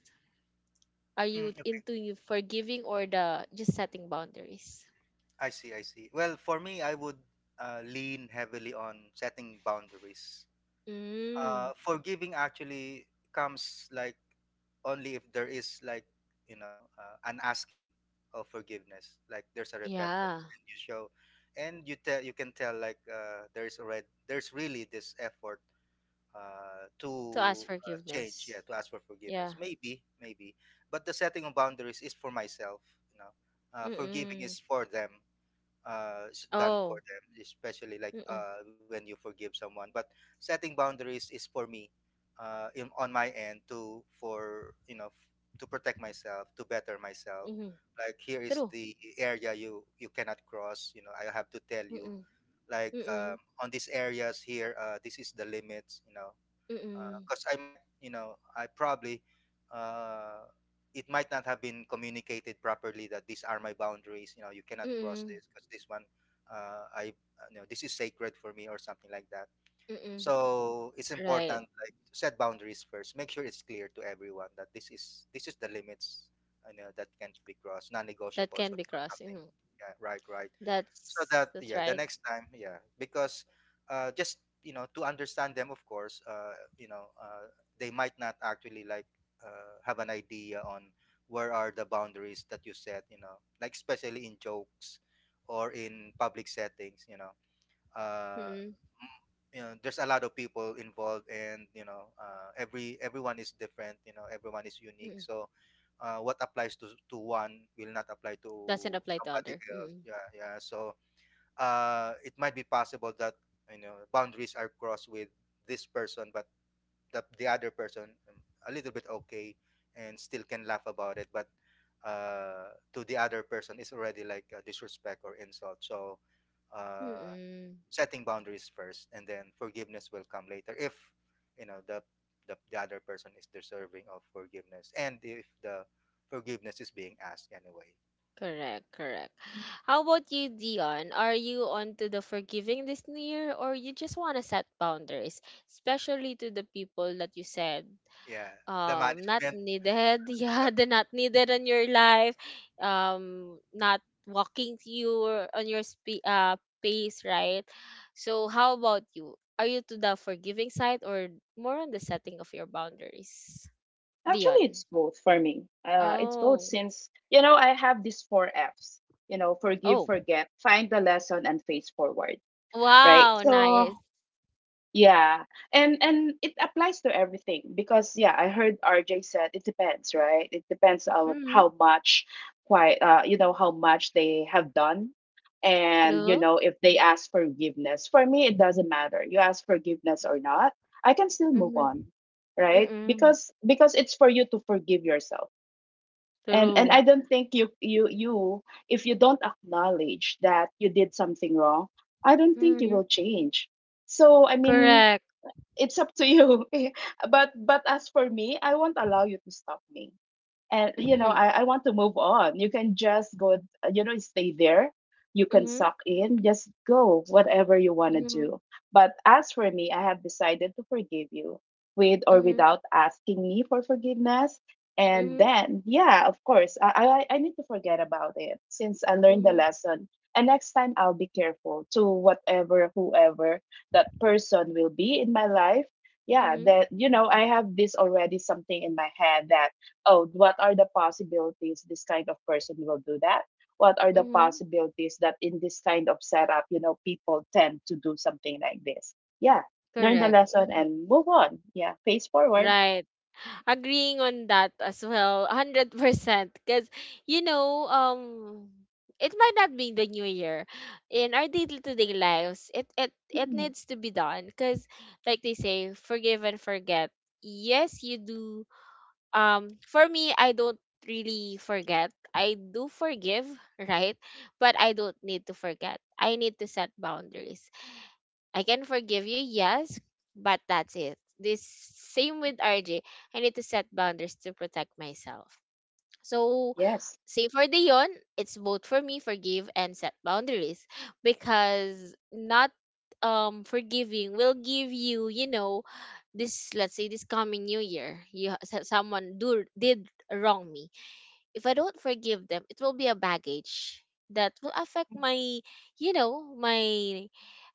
S1: Are
S3: Mm,
S1: you
S3: okay.
S1: into you forgiving or the just setting boundaries?
S3: I see, I see. Well, for me, I would lean heavily on setting boundaries.
S1: Mm,
S3: Forgiving actually comes like only if there is like you know an asking of forgiveness, like there's a
S1: yeah.
S3: repentance and you show and you tell, you can tell like there's already there's really this effort uh,
S1: To ask
S3: to uh, change,
S1: forgiveness.
S3: yeah, to ask for forgiveness,
S1: Yeah.
S3: maybe maybe. But the setting of boundaries is for myself, you know. Forgiving
S1: Mm-mm.
S3: is for them, it's done for
S1: Oh.
S3: them, especially like
S1: Mm-mm.
S3: when you forgive someone, but setting boundaries is for me, on my end to for you know to protect myself, to better myself.
S1: Mm-hmm.
S3: Like here is
S1: True.
S3: the area you cannot cross, you know I have to tell you,
S1: Mm-mm.
S3: like
S1: Mm-mm.
S3: on these areas here, this is the limits, you know,
S1: Mm-mm.
S3: because I might, you know, I probably uh, it might not have been communicated properly that these are my boundaries, you know you cannot cross
S1: Mm-mm.
S3: this, because this one I you know this is sacred for me or something like that.
S1: Mm-mm.
S3: So it's
S1: Right.
S3: important like to set boundaries first. Make sure it's clear to everyone that this is the limits, you know, that can't be crossed,
S1: That can
S3: non-negotiables
S1: be
S3: or
S1: crossed.
S3: something.
S1: Mm.
S3: Yeah, right, right. So
S1: That's
S3: that yeah, the
S1: right.
S3: next time, yeah, because just you know to understand them, of course, you know they might not actually like have an idea on where are the boundaries that you set. You know, like especially in jokes or in public settings. Uh,
S1: Mm-mm.
S3: you know there's a lot of people involved and you know everyone is different, you know everyone is unique.
S1: Mm-mm.
S3: So what applies to one will not apply
S1: Doesn't
S3: to
S1: apply to
S3: somebody
S1: other.
S3: else,
S1: Mm-mm.
S3: yeah yeah. So it might be possible that you know boundaries are crossed with this person, but the other person a little bit okay and still can laugh about it, but to the other person it's already like a disrespect or insult. So uh,
S1: Mm-mm.
S3: setting boundaries first and then forgiveness will come later if you know the other person is deserving of forgiveness and if the forgiveness is being asked anyway.
S1: Correct, correct. How about you, Dion? Are you on to the forgiving this new year, or you just want to set boundaries, especially to the people that you said
S3: Yeah, the
S1: not
S3: management.
S1: needed, *laughs* yeah, the not needed in your life, not walking to you or on your pace, right? So how about you? Are you to the forgiving side or more on the setting of your boundaries? Dion.
S2: it's both for me. It's both
S1: Oh.
S2: since, I have these four F's: forgive,
S1: Oh.
S2: forget, find the lesson, and face forward, right?
S1: Wow,
S2: So
S1: nice.
S2: yeah. And it applies to everything because, yeah, I heard RJ said it depends, right? It depends on
S1: Mm-hmm.
S2: how much, quite, how much they have done. And
S1: True.
S2: if they ask forgiveness. For me, it doesn't matter. You ask forgiveness or not, I can still move
S1: Mhm.
S2: on, right?
S1: Mm.
S2: Because it's for you to forgive yourself. And I
S1: True.
S2: don't think you you you if you don't acknowledge that you did something wrong, I don't think you will
S1: Mhm.
S2: change. So I mean,
S1: Correct.
S2: it's up to you. *laughs* But as for me, I won't allow you to stop me, and
S1: Mhm.
S2: I want to move on. You can just go. Stay there. You can
S1: Mhm.
S2: suck in, just go whatever you want to
S1: Mhm.
S2: do. But as for me, I have decided to forgive you with or
S1: Mhm.
S2: without asking me for forgiveness. And
S1: Mhm.
S2: then, yeah, of course, I need to forget about it since I learned the
S1: Mhm.
S2: lesson. And next time I'll be careful to whatever whoever that person will be in my life. Yeah,
S1: Mhm.
S2: that, I have this already something in my head that, oh, what are the possibilities this kind of person will do that? What are the
S1: Mhm.
S2: possibilities that in this kind of setup, people tend to do something like this? Yeah, learn the
S1: Correct.
S2: lesson
S1: Mhm.
S2: and move on. Yeah, face forward.
S1: Right. Agreeing on that as well, 100%. Because, you know, um, it might not be the new year. In our day-to-day lives, it
S2: Mhm.
S1: needs to be done. Because, like they say, forgive and forget. Yes, you do for me I don't really forget, I do forgive, *laughs* right, but I don't need to forget, I need to set boundaries. I can forgive you, yes, but that's it. This same with RJ, I need to set boundaries to protect myself. So
S2: Yes.
S1: same for Dion, it's both for me, forgive and set boundaries, because not forgiving will give you, you know, this, let's say this coming new year, you someone do did wrong me, if I don't forgive them, it will be a baggage that will affect my, you know, my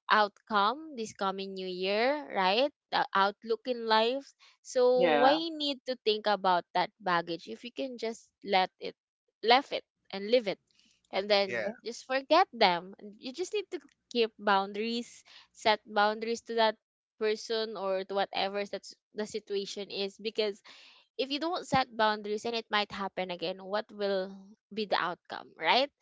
S1: outcome this coming new year, right? The outlook in life. So why
S2: Yeah.
S1: need to think about that baggage, if you can just let it, left it and leave it, and
S2: Yeah.
S1: then
S3: Yeah.
S1: just forget them. You just need to keep boundaries, set boundaries to that person or to whatever that's the situation is, because if you don't set boundaries and it might happen again, what will be the outcome, right?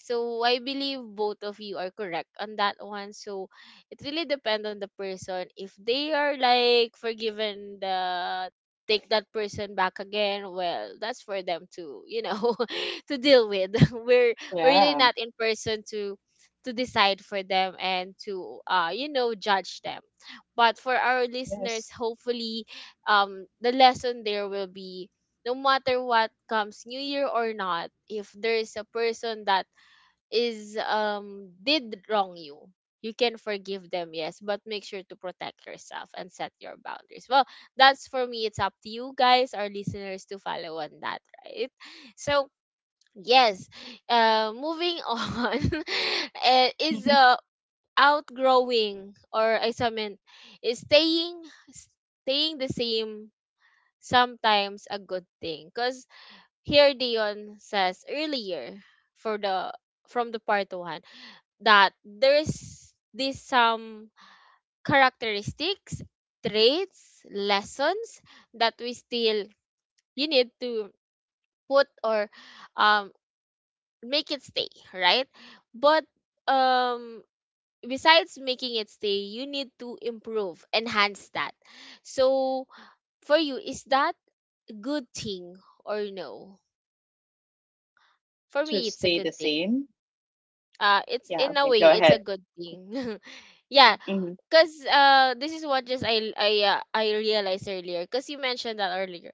S1: So I believe both of you are correct on that one. So it really depends on the person. If they are like forgiven the take that person back again, well, that's for them to, you know, *laughs* to deal with. *laughs* We're really
S2: Yeah.
S1: not in person to decide for them and to you know judge them. But for our listeners,
S2: Yes.
S1: hopefully the lesson there will be, no matter what comes new year or not, if there is a person that is did wrong you, you can forgive them, yes, but make sure to protect yourself and set your boundaries well. That's for me, it's up to you guys, our listeners, to follow on that, right? So yes, moving *laughs* on, is
S2: *laughs*
S1: outgrowing, or is staying the same sometimes a good thing? Because here Dion says earlier, for the from the part one, that there's this some characteristics, traits, lessons that we still you need to put, or um make it stay, right? But um besides making it stay, you need to improve, enhance that. So for you, is that good thing or no? For
S2: To
S1: me, it's a
S2: stay the
S1: good thing.
S2: same.
S1: It's
S2: Yeah,
S1: in a
S2: okay,
S1: way,
S2: go
S1: it's
S2: ahead.
S1: a good thing. *laughs* yeah,
S2: Hmm.
S1: cause this is what just I realized earlier. Cause you mentioned that earlier.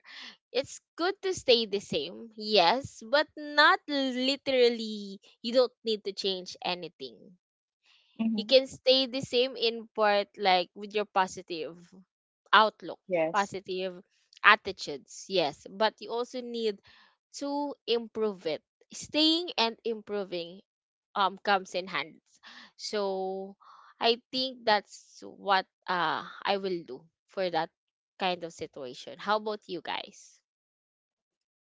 S1: It's good to stay the same, yes, but not literally. You don't need to change anything. You
S2: Hmm.
S1: can stay the same in part, like with your positive outlook,
S2: Yes.
S1: positive attitudes, yes, but you also need to improve it. Staying and improving comes in hands. So I think that's what I will do for that kind of situation. How about you guys?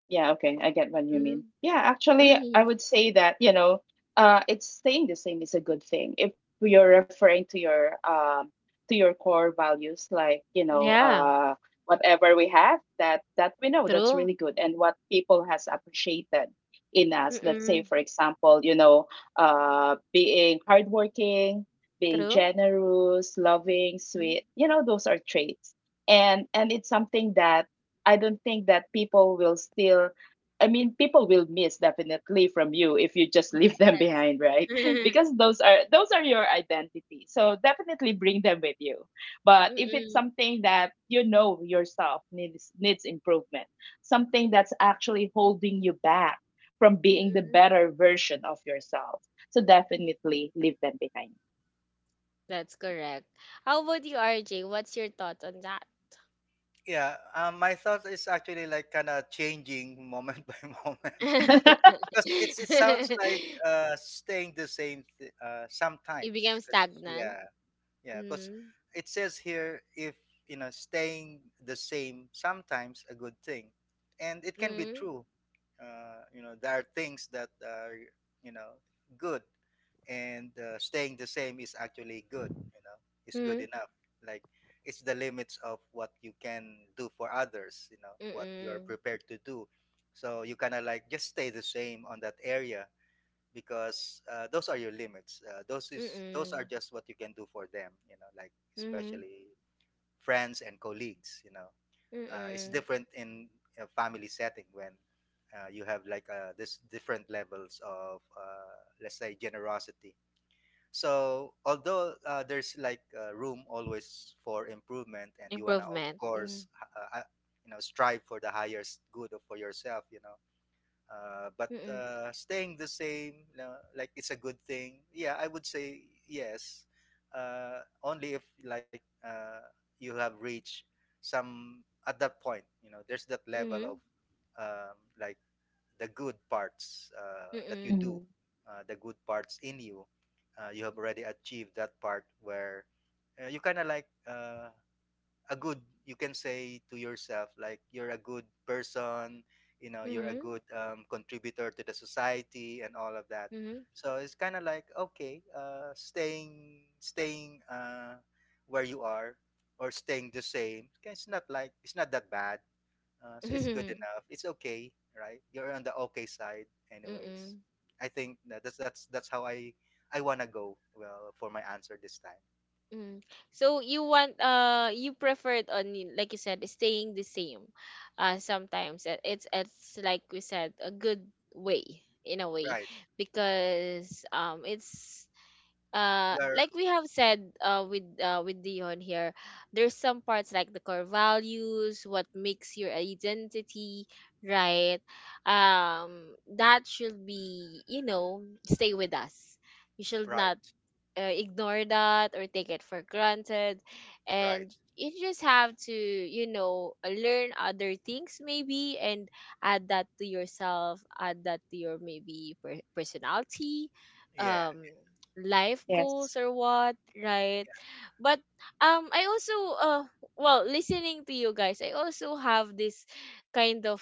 S2: Yeah, okay. I get what you
S1: Mm-hmm.
S2: mean. Yeah,
S1: *laughs*
S2: actually, I
S1: hmm
S2: would say that, it's staying the same is a good thing. If you're referring to your core values, like,
S1: Yeah,
S2: whatever we have that we know that's really
S1: true.
S2: good and what people has appreciated in us. Let's say,
S1: Mm-mm.
S2: for example, being hardworking, being
S1: True.
S2: generous, loving,
S1: Mm.
S2: sweet, those are traits. And it's something that I don't think that people will still, I mean, people will miss definitely from you if you just *laughs* leave them behind, right? *laughs*
S1: Yes. *laughs*
S2: Because those are your identity. So definitely bring them with you. But if it's
S1: Mm-mm.
S2: something that you know yourself needs improvement, something that's actually holding you back from being the
S1: Mm-mm.
S2: better version of yourself. So definitely leave them behind.
S1: That's correct. How about you, RJ? What's your thought on that?
S3: Yeah, my thought is actually like kind of changing moment *laughs* by
S1: *laughs*
S3: moment,
S2: *laughs*
S3: because it's it sounds like
S1: it
S3: staying the same sometimes
S1: became
S3: 'cause,
S1: stagnant.
S3: yeah. Yeah, because
S1: Mm.
S3: it says here if you know staying the same sometimes a good thing, and it can be
S1: Mm.
S3: true. You know there are things that are you know good, and staying the same is actually good. You know, is good
S1: Mm.
S3: enough. Like it's the limits of what you can do for others. You know what you are
S1: Mm.
S3: prepared to do. So you kind of like just stay the same on that area because those are your limits. Those are
S1: Mm.
S3: just what you can do for them. You know, like
S1: Mm.
S3: especially friends and colleagues. You know, it's
S1: Mm.
S3: different in a family setting when you have like this different levels of let's say generosity. So although there's like room always for improvement, and you wanna, of
S1: Improvement. Mm.
S3: course, uh, uh, you know, strive for the highest good for yourself. You know, but
S1: Mm.
S3: staying the same, like it's a good thing. Yeah, I would say yes. Only if like you have reached some at that point, you know, there's that level of
S1: Mm.
S3: like the good parts that you
S1: Mm.
S3: do,
S2: Mhm.
S3: the good parts in you. You have already achieved that part where you kind of like a good, you can say to yourself like you're a good person, you know you're a
S1: Mm.
S3: good contributor to the society and all of that. So it's kind of like okay, staying staying where you are or staying the same, okay, it's not like it's not that bad, so it's good
S1: Mm. *laughs*
S3: enough, it's okay, right? You're on the okay side anyways.
S1: Mm.
S3: I think that's how I want to go well for my answer this time.
S1: Mm. So you want you preferred on like you said, staying the same. Sometimes it's like we said, a good way in a way,
S3: Right,
S1: because it's
S3: you're
S1: like we have said, with Dion here, there's some parts like the core values, what makes your identity, right? um that should be, you know, stay with us. You should not
S3: right,
S1: ignore that or take it for granted,
S3: right,
S1: and you just have to, you know, learn other things maybe, and add that to yourself, add that to your maybe personality,
S3: yeah.
S1: um life
S2: Yes.
S1: goals or what, right? But I also uh well, listening to you guys, I also have this kind of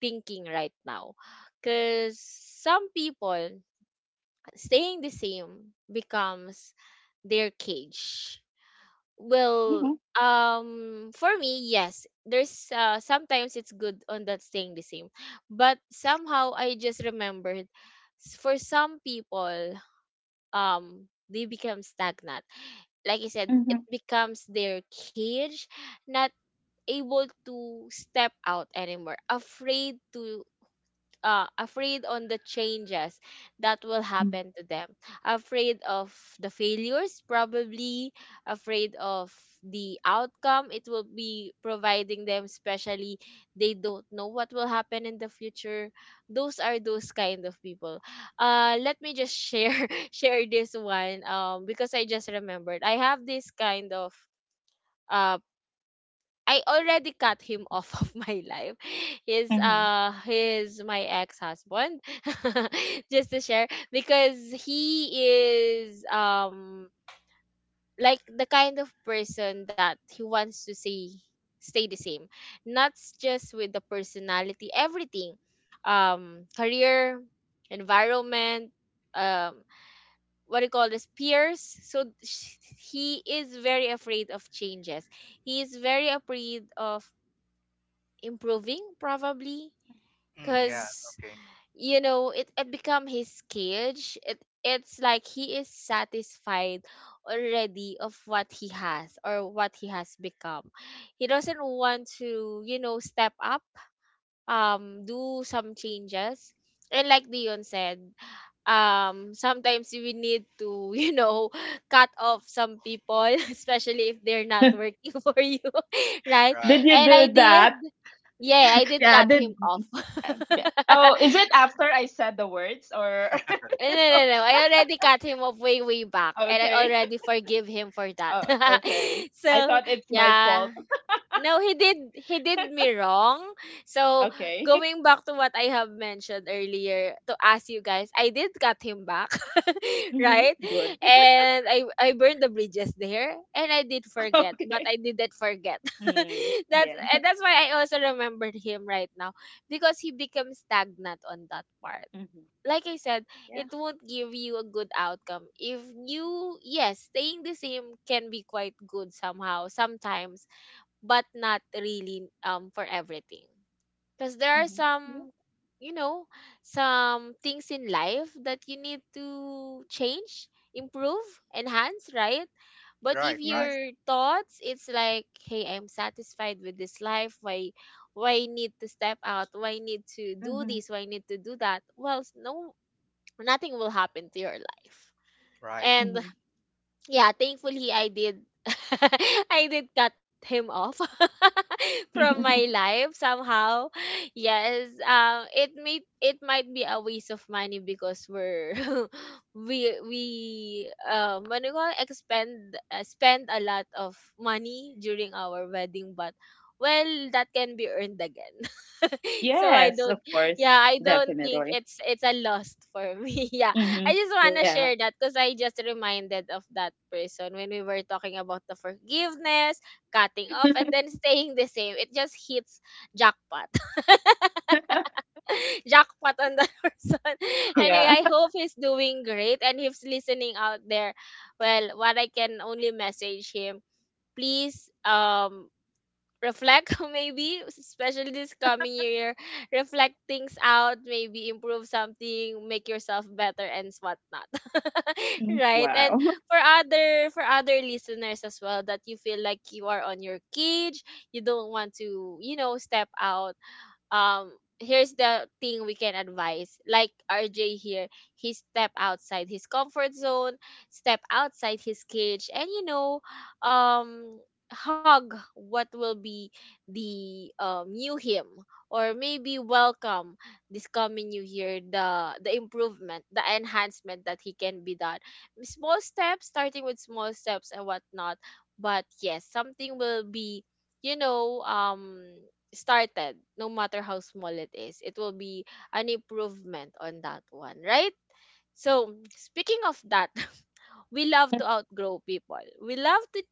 S1: thinking right now, because some people staying the same becomes their cage.
S2: Mm-hmm.
S1: Well, for me, yes, there's sometimes it's good on that staying the same, but somehow I just remembered for some people, they become stagnant. Like I said,
S2: Mm-hmm.
S1: it becomes their cage, not able to step out anymore, afraid to afraid on the changes that will happen to them, afraid of the failures probably, afraid of the outcome it will be providing them, especially they don't know what will happen in the future. Those are those kind of people. Uh let me just share *laughs* share this one, because I just remembered I have this kind of uh I already cut him off *laughs* of my life.
S2: Mm-hmm.
S1: He's my ex-husband. *laughs* Just to share, because he is like the kind of person that he wants to say stay the same. Not just with the personality, everything. Career, environment, um what do you call, this peers, so he is very afraid of changes, he is very afraid of improving probably,
S3: Mm, yeah,
S1: because
S3: okay.
S1: you know it become his cage, it it's like he is satisfied already of what he has or what he has become. He doesn't want to, you know, step up, do some changes, and like Dion said, sometimes we need to *laughs* you know cut off some people *laughs* especially if they're not working *laughs* for you, *laughs* right?
S3: Right,
S2: Did you
S1: And I
S2: do
S1: did,
S2: that?
S1: yeah, I did
S2: Yeah,
S1: cut
S2: the
S1: him off. *laughs*
S2: yeah. Oh, is it after I said the words, or *laughs*
S1: No, I already cut him off way back, and I
S2: okay?
S1: already forgive him for that.
S2: Oh,
S1: *laughs*
S2: okay. I
S1: So
S2: thought it's my
S1: yeah,
S2: fault.
S1: no, he did me wrong. So
S2: Okay. *laughs*
S1: going back to what I have mentioned earlier to ask you guys, I did cut him back, *laughs* right?
S2: Mm-hmm. Good.
S1: And I burned the bridges there, and I did
S2: *laughs*
S1: forget, but
S2: Okay.
S1: I didn't forget. *laughs*
S2: Mm,
S1: That's,
S2: yeah. *laughs*
S1: and that's why I also remembered him right now, because he becomes stagnant on that part.
S2: Mm-hmm.
S1: Like I said,
S2: Yeah.
S1: it won't give you a good outcome. If you, yes, staying the same can be quite good somehow, sometimes, but not really for everything, because there are
S2: Mm-hmm. Yeah.
S1: some, you know, some things in life that you need to change, improve, enhance, right? But if
S3: right, right,
S2: Yes.
S1: your thoughts it's like, hey, I'm satisfied with this life, why need to step out, why need to do
S2: Mm-hmm.
S1: this, why need to do that, well no, nothing will happen to your life.
S3: right.
S1: And
S2: Mm-hmm.
S1: yeah, thankfully I did, *laughs* I did cut him off *laughs* from my life somehow. Yes, it may it might be a waste of money, because we're *laughs* we what do you call it? Expend spend a lot of money during our wedding, but well, that can be earned again. *laughs*
S2: *laughs*
S1: So I
S2: Yes,
S1: don't,
S2: of course.
S1: yeah, I don't think
S2: Definitely.
S1: it's a loss for me. *laughs* Yeah.
S2: Mm-hmm.
S1: I just want to
S2: Yeah.
S1: share that because I just reminded of that person when we were talking about the forgiveness, cutting off, and then staying the same. It just hits jackpot. *laughs*
S2: *laughs*
S1: Jackpot on that *laughs* person. Anyway,
S2: Yeah.
S1: I hope he's doing great, and if he's listening out there, well, what I can only message him, please reflect *laughs* maybe especially this coming year, reflect things out, maybe improve something, make yourself better and whatnot. *laughs*
S2: Mm.
S1: Right. And
S2: Wow.
S1: for other listeners as well that you feel like you are on your cage, you don't want to, you know, step out. um Here's the thing, we can advise like RJ here, he step outside his comfort zone, step outside his cage, and you know, um hug what will be the new him, or maybe welcome this coming new year, the improvement, the enhancement that he can be done. Small steps, starting with small steps and whatnot. But yes, something will be, you know um started, no matter how small it is, it will be an improvement on that one, right? So, speaking of that, *laughs* we love to outgrow people. We love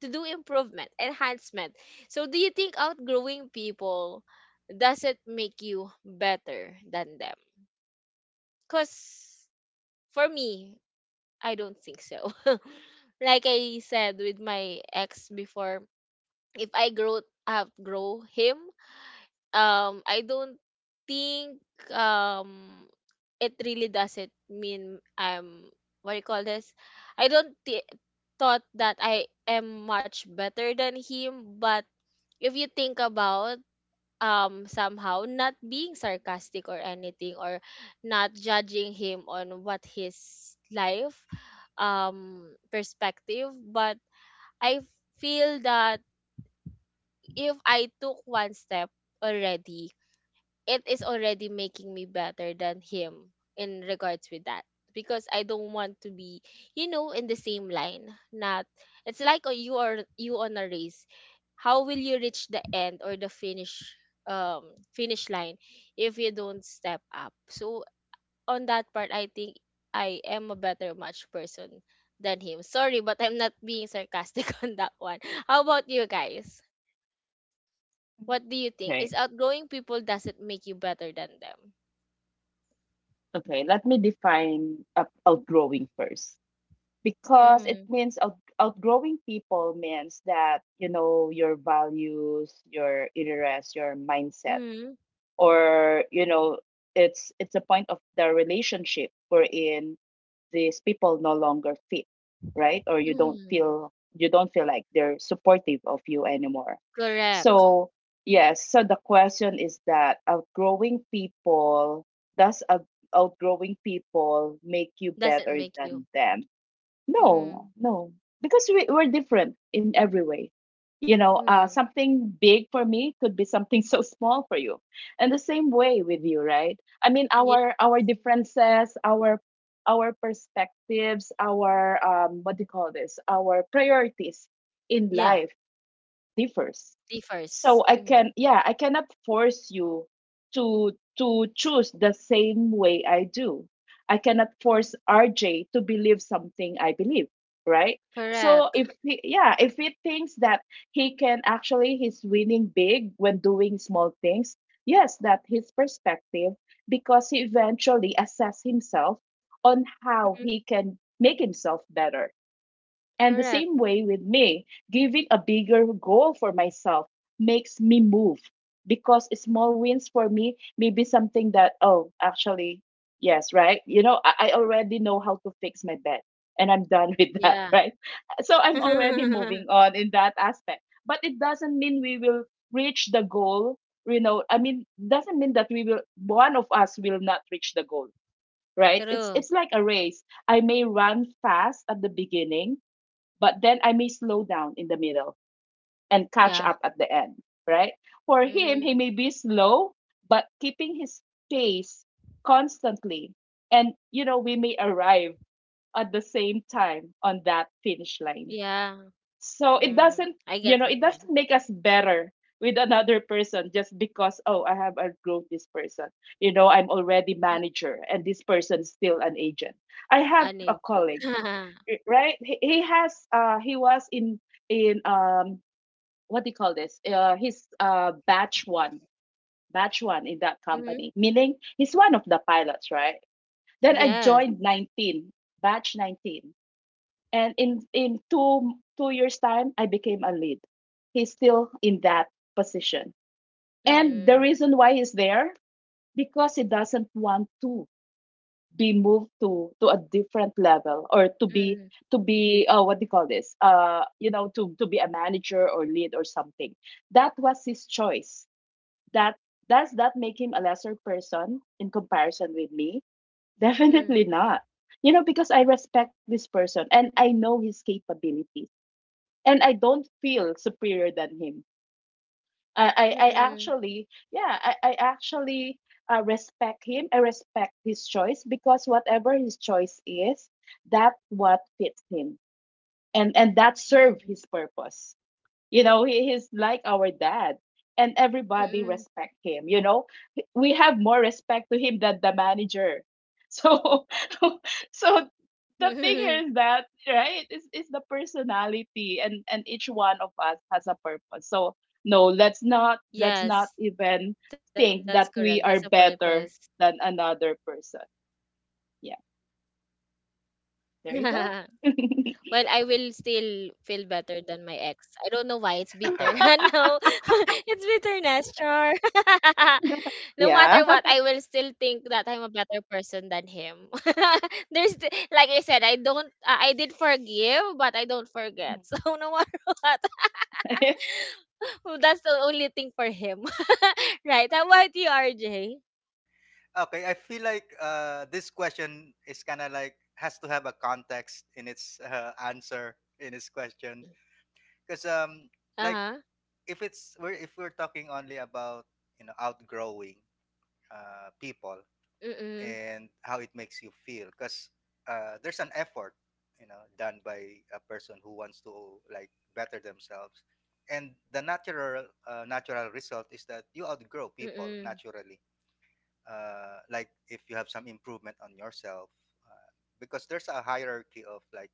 S1: to do improvement, enhancement. So, do you think outgrowing people, does it make you better than them? Because for me, I don't think so. *laughs* Like I said with my ex before, if I grow, outgrow him, I don't think, um it really doesn't mean I'm, what do you call this? I don't thi- Thought that I am much better than him. But if you think about, somehow, not being sarcastic or anything, or not judging him on what his life, perspective, but I feel that if I took one step already, it is already making me better than him in regards with that. Because I don't want to be, you know, in the same line. Not, it's like you are, you on a race, how will you reach the end or the finish, um finish line, if you don't step up. So on that part, I think I am a better match person than him. Sorry, but I'm not being sarcastic *laughs* on that one. How about you guys,
S2: *laughs*
S1: what do you think,
S2: Okay.
S1: is outgrowing people doesn't make you better than them?
S2: Okay. Let me define up outgrowing first. Because it
S1: Mhm.
S2: means outgrowing people, means that you know your values, your interests, your mindset,
S1: Mhm.
S2: or it's a point of the relationship wherein these people no longer fit, right? Or you don't
S1: Mhm.
S2: feel you don't feel like they're supportive of you anymore.
S1: Correct.
S2: So yes, so the question is that outgrowing people, does outgrowing people make you
S1: Doesn't
S2: better
S1: make you.
S2: than them? No,
S1: Mhm.
S2: no, because we're different in every way.
S1: Mhm.
S2: Something big for me could be something *laughs* so small for you, and the same way with you, right? I mean,
S1: Yeah.
S2: our differences, our perspectives, our what do you call this? Our priorities in
S1: Yeah.
S2: life differs.
S1: Differs.
S2: So I can,
S1: Mhm.
S2: yeah, I cannot force you to to choose the same way I do. I cannot force RJ to believe something I believe, right? So if
S1: Correct.
S2: he, yeah, if he thinks that he can actually he's winning big when doing small things, yes, that his perspective, because he eventually assess himself on how
S1: Mhm.
S2: he can make himself better. And the same
S1: Correct.
S2: way with me, giving a bigger goal for myself makes me move, because small wins for me may be something that, oh, actually, yes, right? I already know how to fix my bed, and I'm done *laughs* with that,
S1: Yeah.
S2: right? So I'm already moving on
S1: *laughs*
S2: in that aspect. But it doesn't mean we will reach the goal, I mean, doesn't mean that we will, one of us will not reach the goal, right? It's
S1: True.
S2: like a race. I may run fast at the beginning, but then I may slow down in the middle and catch up
S1: Yeah.
S2: at the end, right? For him, he
S1: Mm.
S2: may be slow, but keeping his pace constantly. And, we may arrive at the same time on that finish line.
S1: Yeah.
S2: So it doesn't,
S1: Mm, I
S2: you know,
S1: get
S2: it
S1: what you
S2: doesn't
S1: mean.
S2: make us better with another person just because, oh, I have outgrown this person. I'm already
S1: Mm.
S2: manager and this person is still an agent. I have a colleague,
S1: Uneducated.
S2: right? He was in in um what do you call this? He's batch one in that company.
S1: Mhm. *laughs*
S2: Meaning he's one of the pilots, right? Then I joined
S1: Yes.
S2: 19, batch 19, and in two two years time I became a lead. He's still in that position, and the
S1: Mhm.
S2: reason why he's there because he doesn't want to be moved to a different level, or to be
S1: Mhm.
S2: to be uh, what do you call this, to be a manager or lead or something. That was his choice. That does that make him a lesser person in comparison with me? *laughs* Definitely
S1: Mhm.
S2: not. Because I respect this person and I know his capabilities, and I don't feel superior than him. I, I I
S1: Mhm.
S2: actually, yeah, I, I actually respect him. I respect his choice because whatever his choice is, that what fits him, and that serve his
S1: Mhm.
S2: purpose. He's like our dad, and everybody respect
S1: Mhm.
S2: him. We have more respect to him than the manager. So, *laughs* so the thing here is that,
S1: *laughs*
S2: right, is the personality, and each one of us has a purpose. So no, let's not
S1: Yes, that's
S2: even
S1: correct. That's a
S2: think that we
S1: purpose.
S2: are better than another person. Yeah,
S1: *laughs*
S2: there you go.
S1: Well, I will still feel better than my ex. I don't know why it's bitter. *laughs*
S3: *laughs*
S1: No.
S2: *laughs*
S1: *laughs* It's bitterness, char. *laughs* No matter
S2: Yeah.
S1: what, I will still think that I'm a better person than him. *laughs* There's like I said, I don't, I did forgive, but I don't forget. *laughs* So no matter what,
S2: *laughs*
S1: *laughs* well, that's the only thing for him. *laughs* Right? How about you, RJ?
S3: Okay, I feel like this question is kind of like has to have a context in its answer in its question, because
S1: Uh
S3: like
S1: huh.
S3: if it's we're if we're talking only about you know outgrowing people
S1: Mm
S3: and how it makes you feel because there's an effort you know done by a person who wants to like better themselves, and the natural natural result is that you outgrow
S1: mm
S3: people
S1: mm
S3: naturally, like if you have some improvement on yourself, uh, because there's a hierarchy of like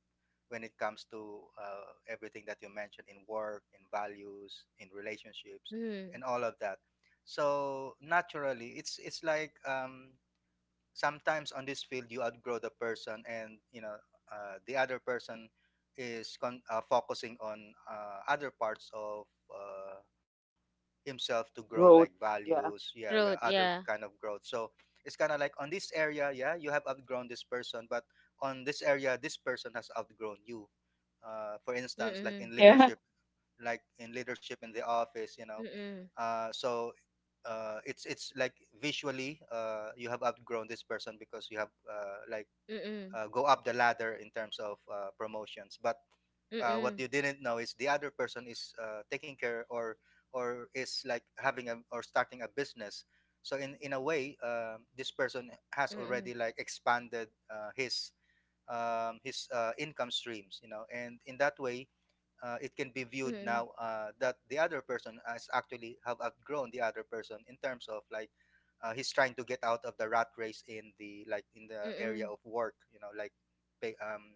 S3: when it comes to everything that you mentioned in work, in values, in relationships
S1: mm
S3: and
S1: mm.
S3: all of that. So naturally it's like sometimes on this field you outgrow the person, and you know the other person is focusing on other parts of uh, himself to grow, like
S2: Growth.
S3: values,
S2: Yeah.
S3: yeah yeah, other
S1: Growth,
S3: kind of
S1: yeah.
S3: growth. So it's kind of like on this area, yeah, you have outgrown this person, but on this area this person has outgrown you, for instance
S1: Mm
S3: like in
S1: mm
S2: Yeah.
S3: leadership, like in leadership in the office, you know
S1: mm
S3: so it's like visually you have outgrown this person because you have like
S1: mm mm.
S3: go up the ladder in terms of promotions, but what you
S1: Mm,
S3: didn't know is the other person is taking care or is like having a or starting a business. So in a way this person has already
S1: mm,
S3: like expanded his income streams, you know, and in that way it can be viewed now
S1: mm,
S3: that the other person has actually have outgrown the other person in terms of like he's trying to get out of the rat race in the like in the area of
S1: mm.
S3: work, you know, like pay, um,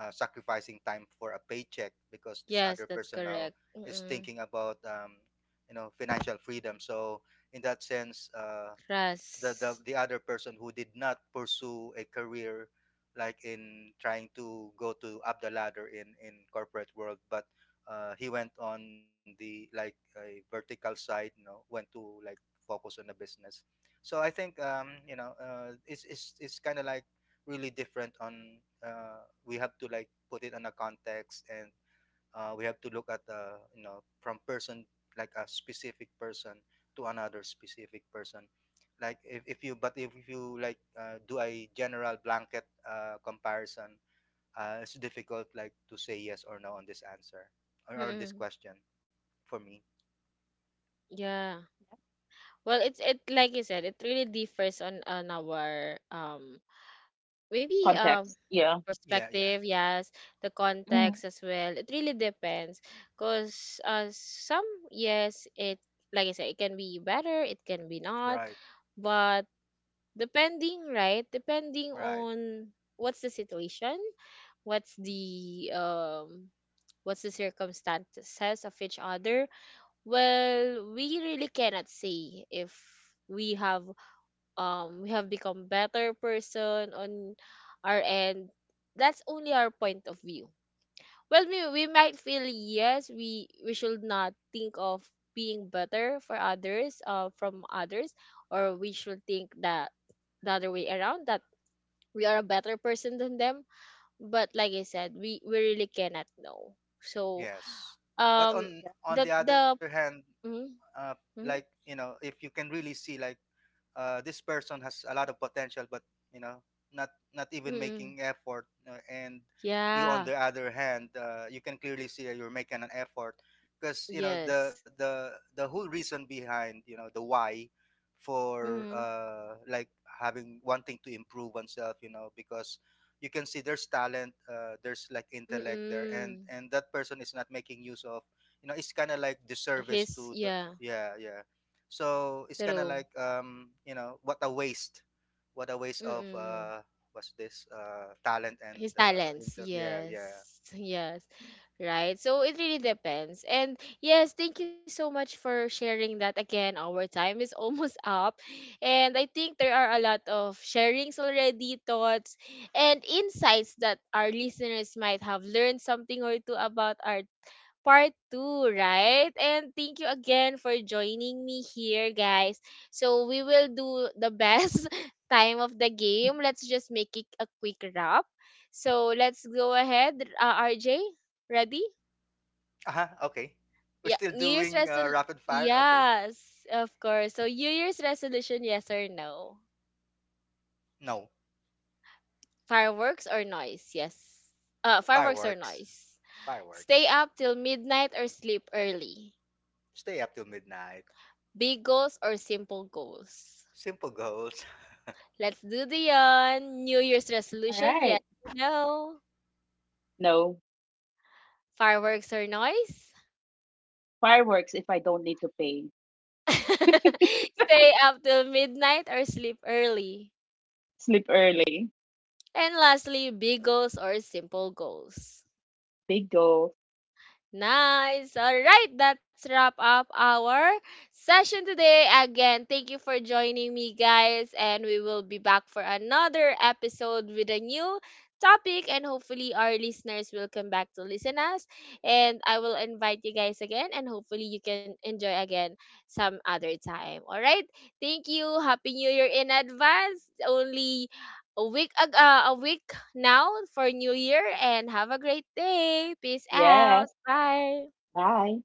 S3: uh, sacrificing time for a paycheck, because this other
S1: Yes, that's
S3: person now
S1: correct.
S3: is thinking
S1: Mm.
S3: about you know financial freedom. So in that sense the
S1: Trust.
S3: other person who did not pursue a career like in trying to go to up the ladder in corporate world, but he went on the like a vertical side, you know, went to like focus on the business. So I think you know it's kind of like really different on we have to like put it on a context, and we have to look at you know from person like a specific person to another specific person. Like if you, but if you like do a general blanket comparison, it's difficult like to say yes or no on this answer or
S1: Mm.
S3: this question for me.
S1: Yeah. Well, it's, it like you said, it really differs on our maybe,
S2: Context. Yeah.
S3: Yeah yeah,
S1: perspective, yes, the
S2: Mhm.
S1: context as well. It really depends because some, yes, it, like I said, it can be better, it can be not,
S3: right
S1: but depending, right? Depending
S3: right,
S1: on what's the situation, what's the um what's the circumstances of each other. Well, we really cannot say if we have, we have become better person on our end, that's only our point of view. Well, we might feel yes, we should not think of being better for others, from others, or we should think that the other way around, that we are a better person than them. But like I said, we really cannot know. So,
S3: yes. But
S2: Yeah.
S1: um the
S3: on the other
S1: the
S3: hand
S1: mm,
S3: uh, like
S1: mm,
S3: you know if you can really see like this person has a lot of potential, but you know, not not even
S1: mm,
S3: making effort. And you, on
S1: yeah,
S3: the other hand, you can clearly see that you're making an effort, because you know the
S1: yes,
S3: the the whole reason behind you know the why for
S1: mm,
S3: like having wanting to improve oneself. You know, because you can see there's talent, there's like intellect there,
S1: mm,
S3: and that person is not making use of. You know, it's kind of like disservice
S1: his,
S3: to the
S1: yeah,
S3: yeah yeah. So it's kind of
S1: true,
S3: like you know what a waste of
S1: mm,
S3: what's this talent and
S1: his talents,
S3: intern. Yeah,
S1: yes.
S3: yeah.
S1: *laughs* Yes. Right, so it really depends. And yes, thank you so much for sharing that. Again, our time is almost *laughs* up, and I think there are a lot of sharings already, thoughts and insights that our listeners might have learned something or two about our part two, right? And thank you again for joining me here, guys. So we will do the best *laughs* time of the game. Let's just make it a quick wrap. So let's go ahead, RJ. Ready?
S3: Uh-huh, okay, we're
S1: Yeah,
S3: still
S1: New Year's
S3: doing
S1: resolution.
S3: rapid fire. Okay,
S1: Yes, of course. So, New Year's resolution, yes or no?
S3: no.
S1: Fireworks or noise? Yes. Fireworks or
S3: Fireworks,
S1: noise? Stay
S3: fireworks.
S1: up till midnight or sleep early?
S3: Stay up till midnight.
S1: Big goals or simple goals?
S3: Simple goals.
S1: Let's do the New Year's
S2: All
S1: resolution.
S2: right.
S1: Yes, no?
S2: No.
S1: Fireworks or noise?
S2: Fireworks if I don't need to pay.
S1: *laughs* Stay up till midnight or sleep early?
S2: Sleep early.
S1: And lastly, big goals or simple goals?
S2: Big goal.
S1: Nice. All right, that's wrap up our session today. Again, thank you for joining me, guys, and we will be back for another episode with a new topic, and hopefully our listeners will come back to listen us, and I will invite you guys again, and hopefully you can enjoy again some other time. All right? Thank you. Happy New Year in advance. Only a week now for New Year, and have a great day. Peace out.
S2: Yes.
S1: Bye.
S2: Bye.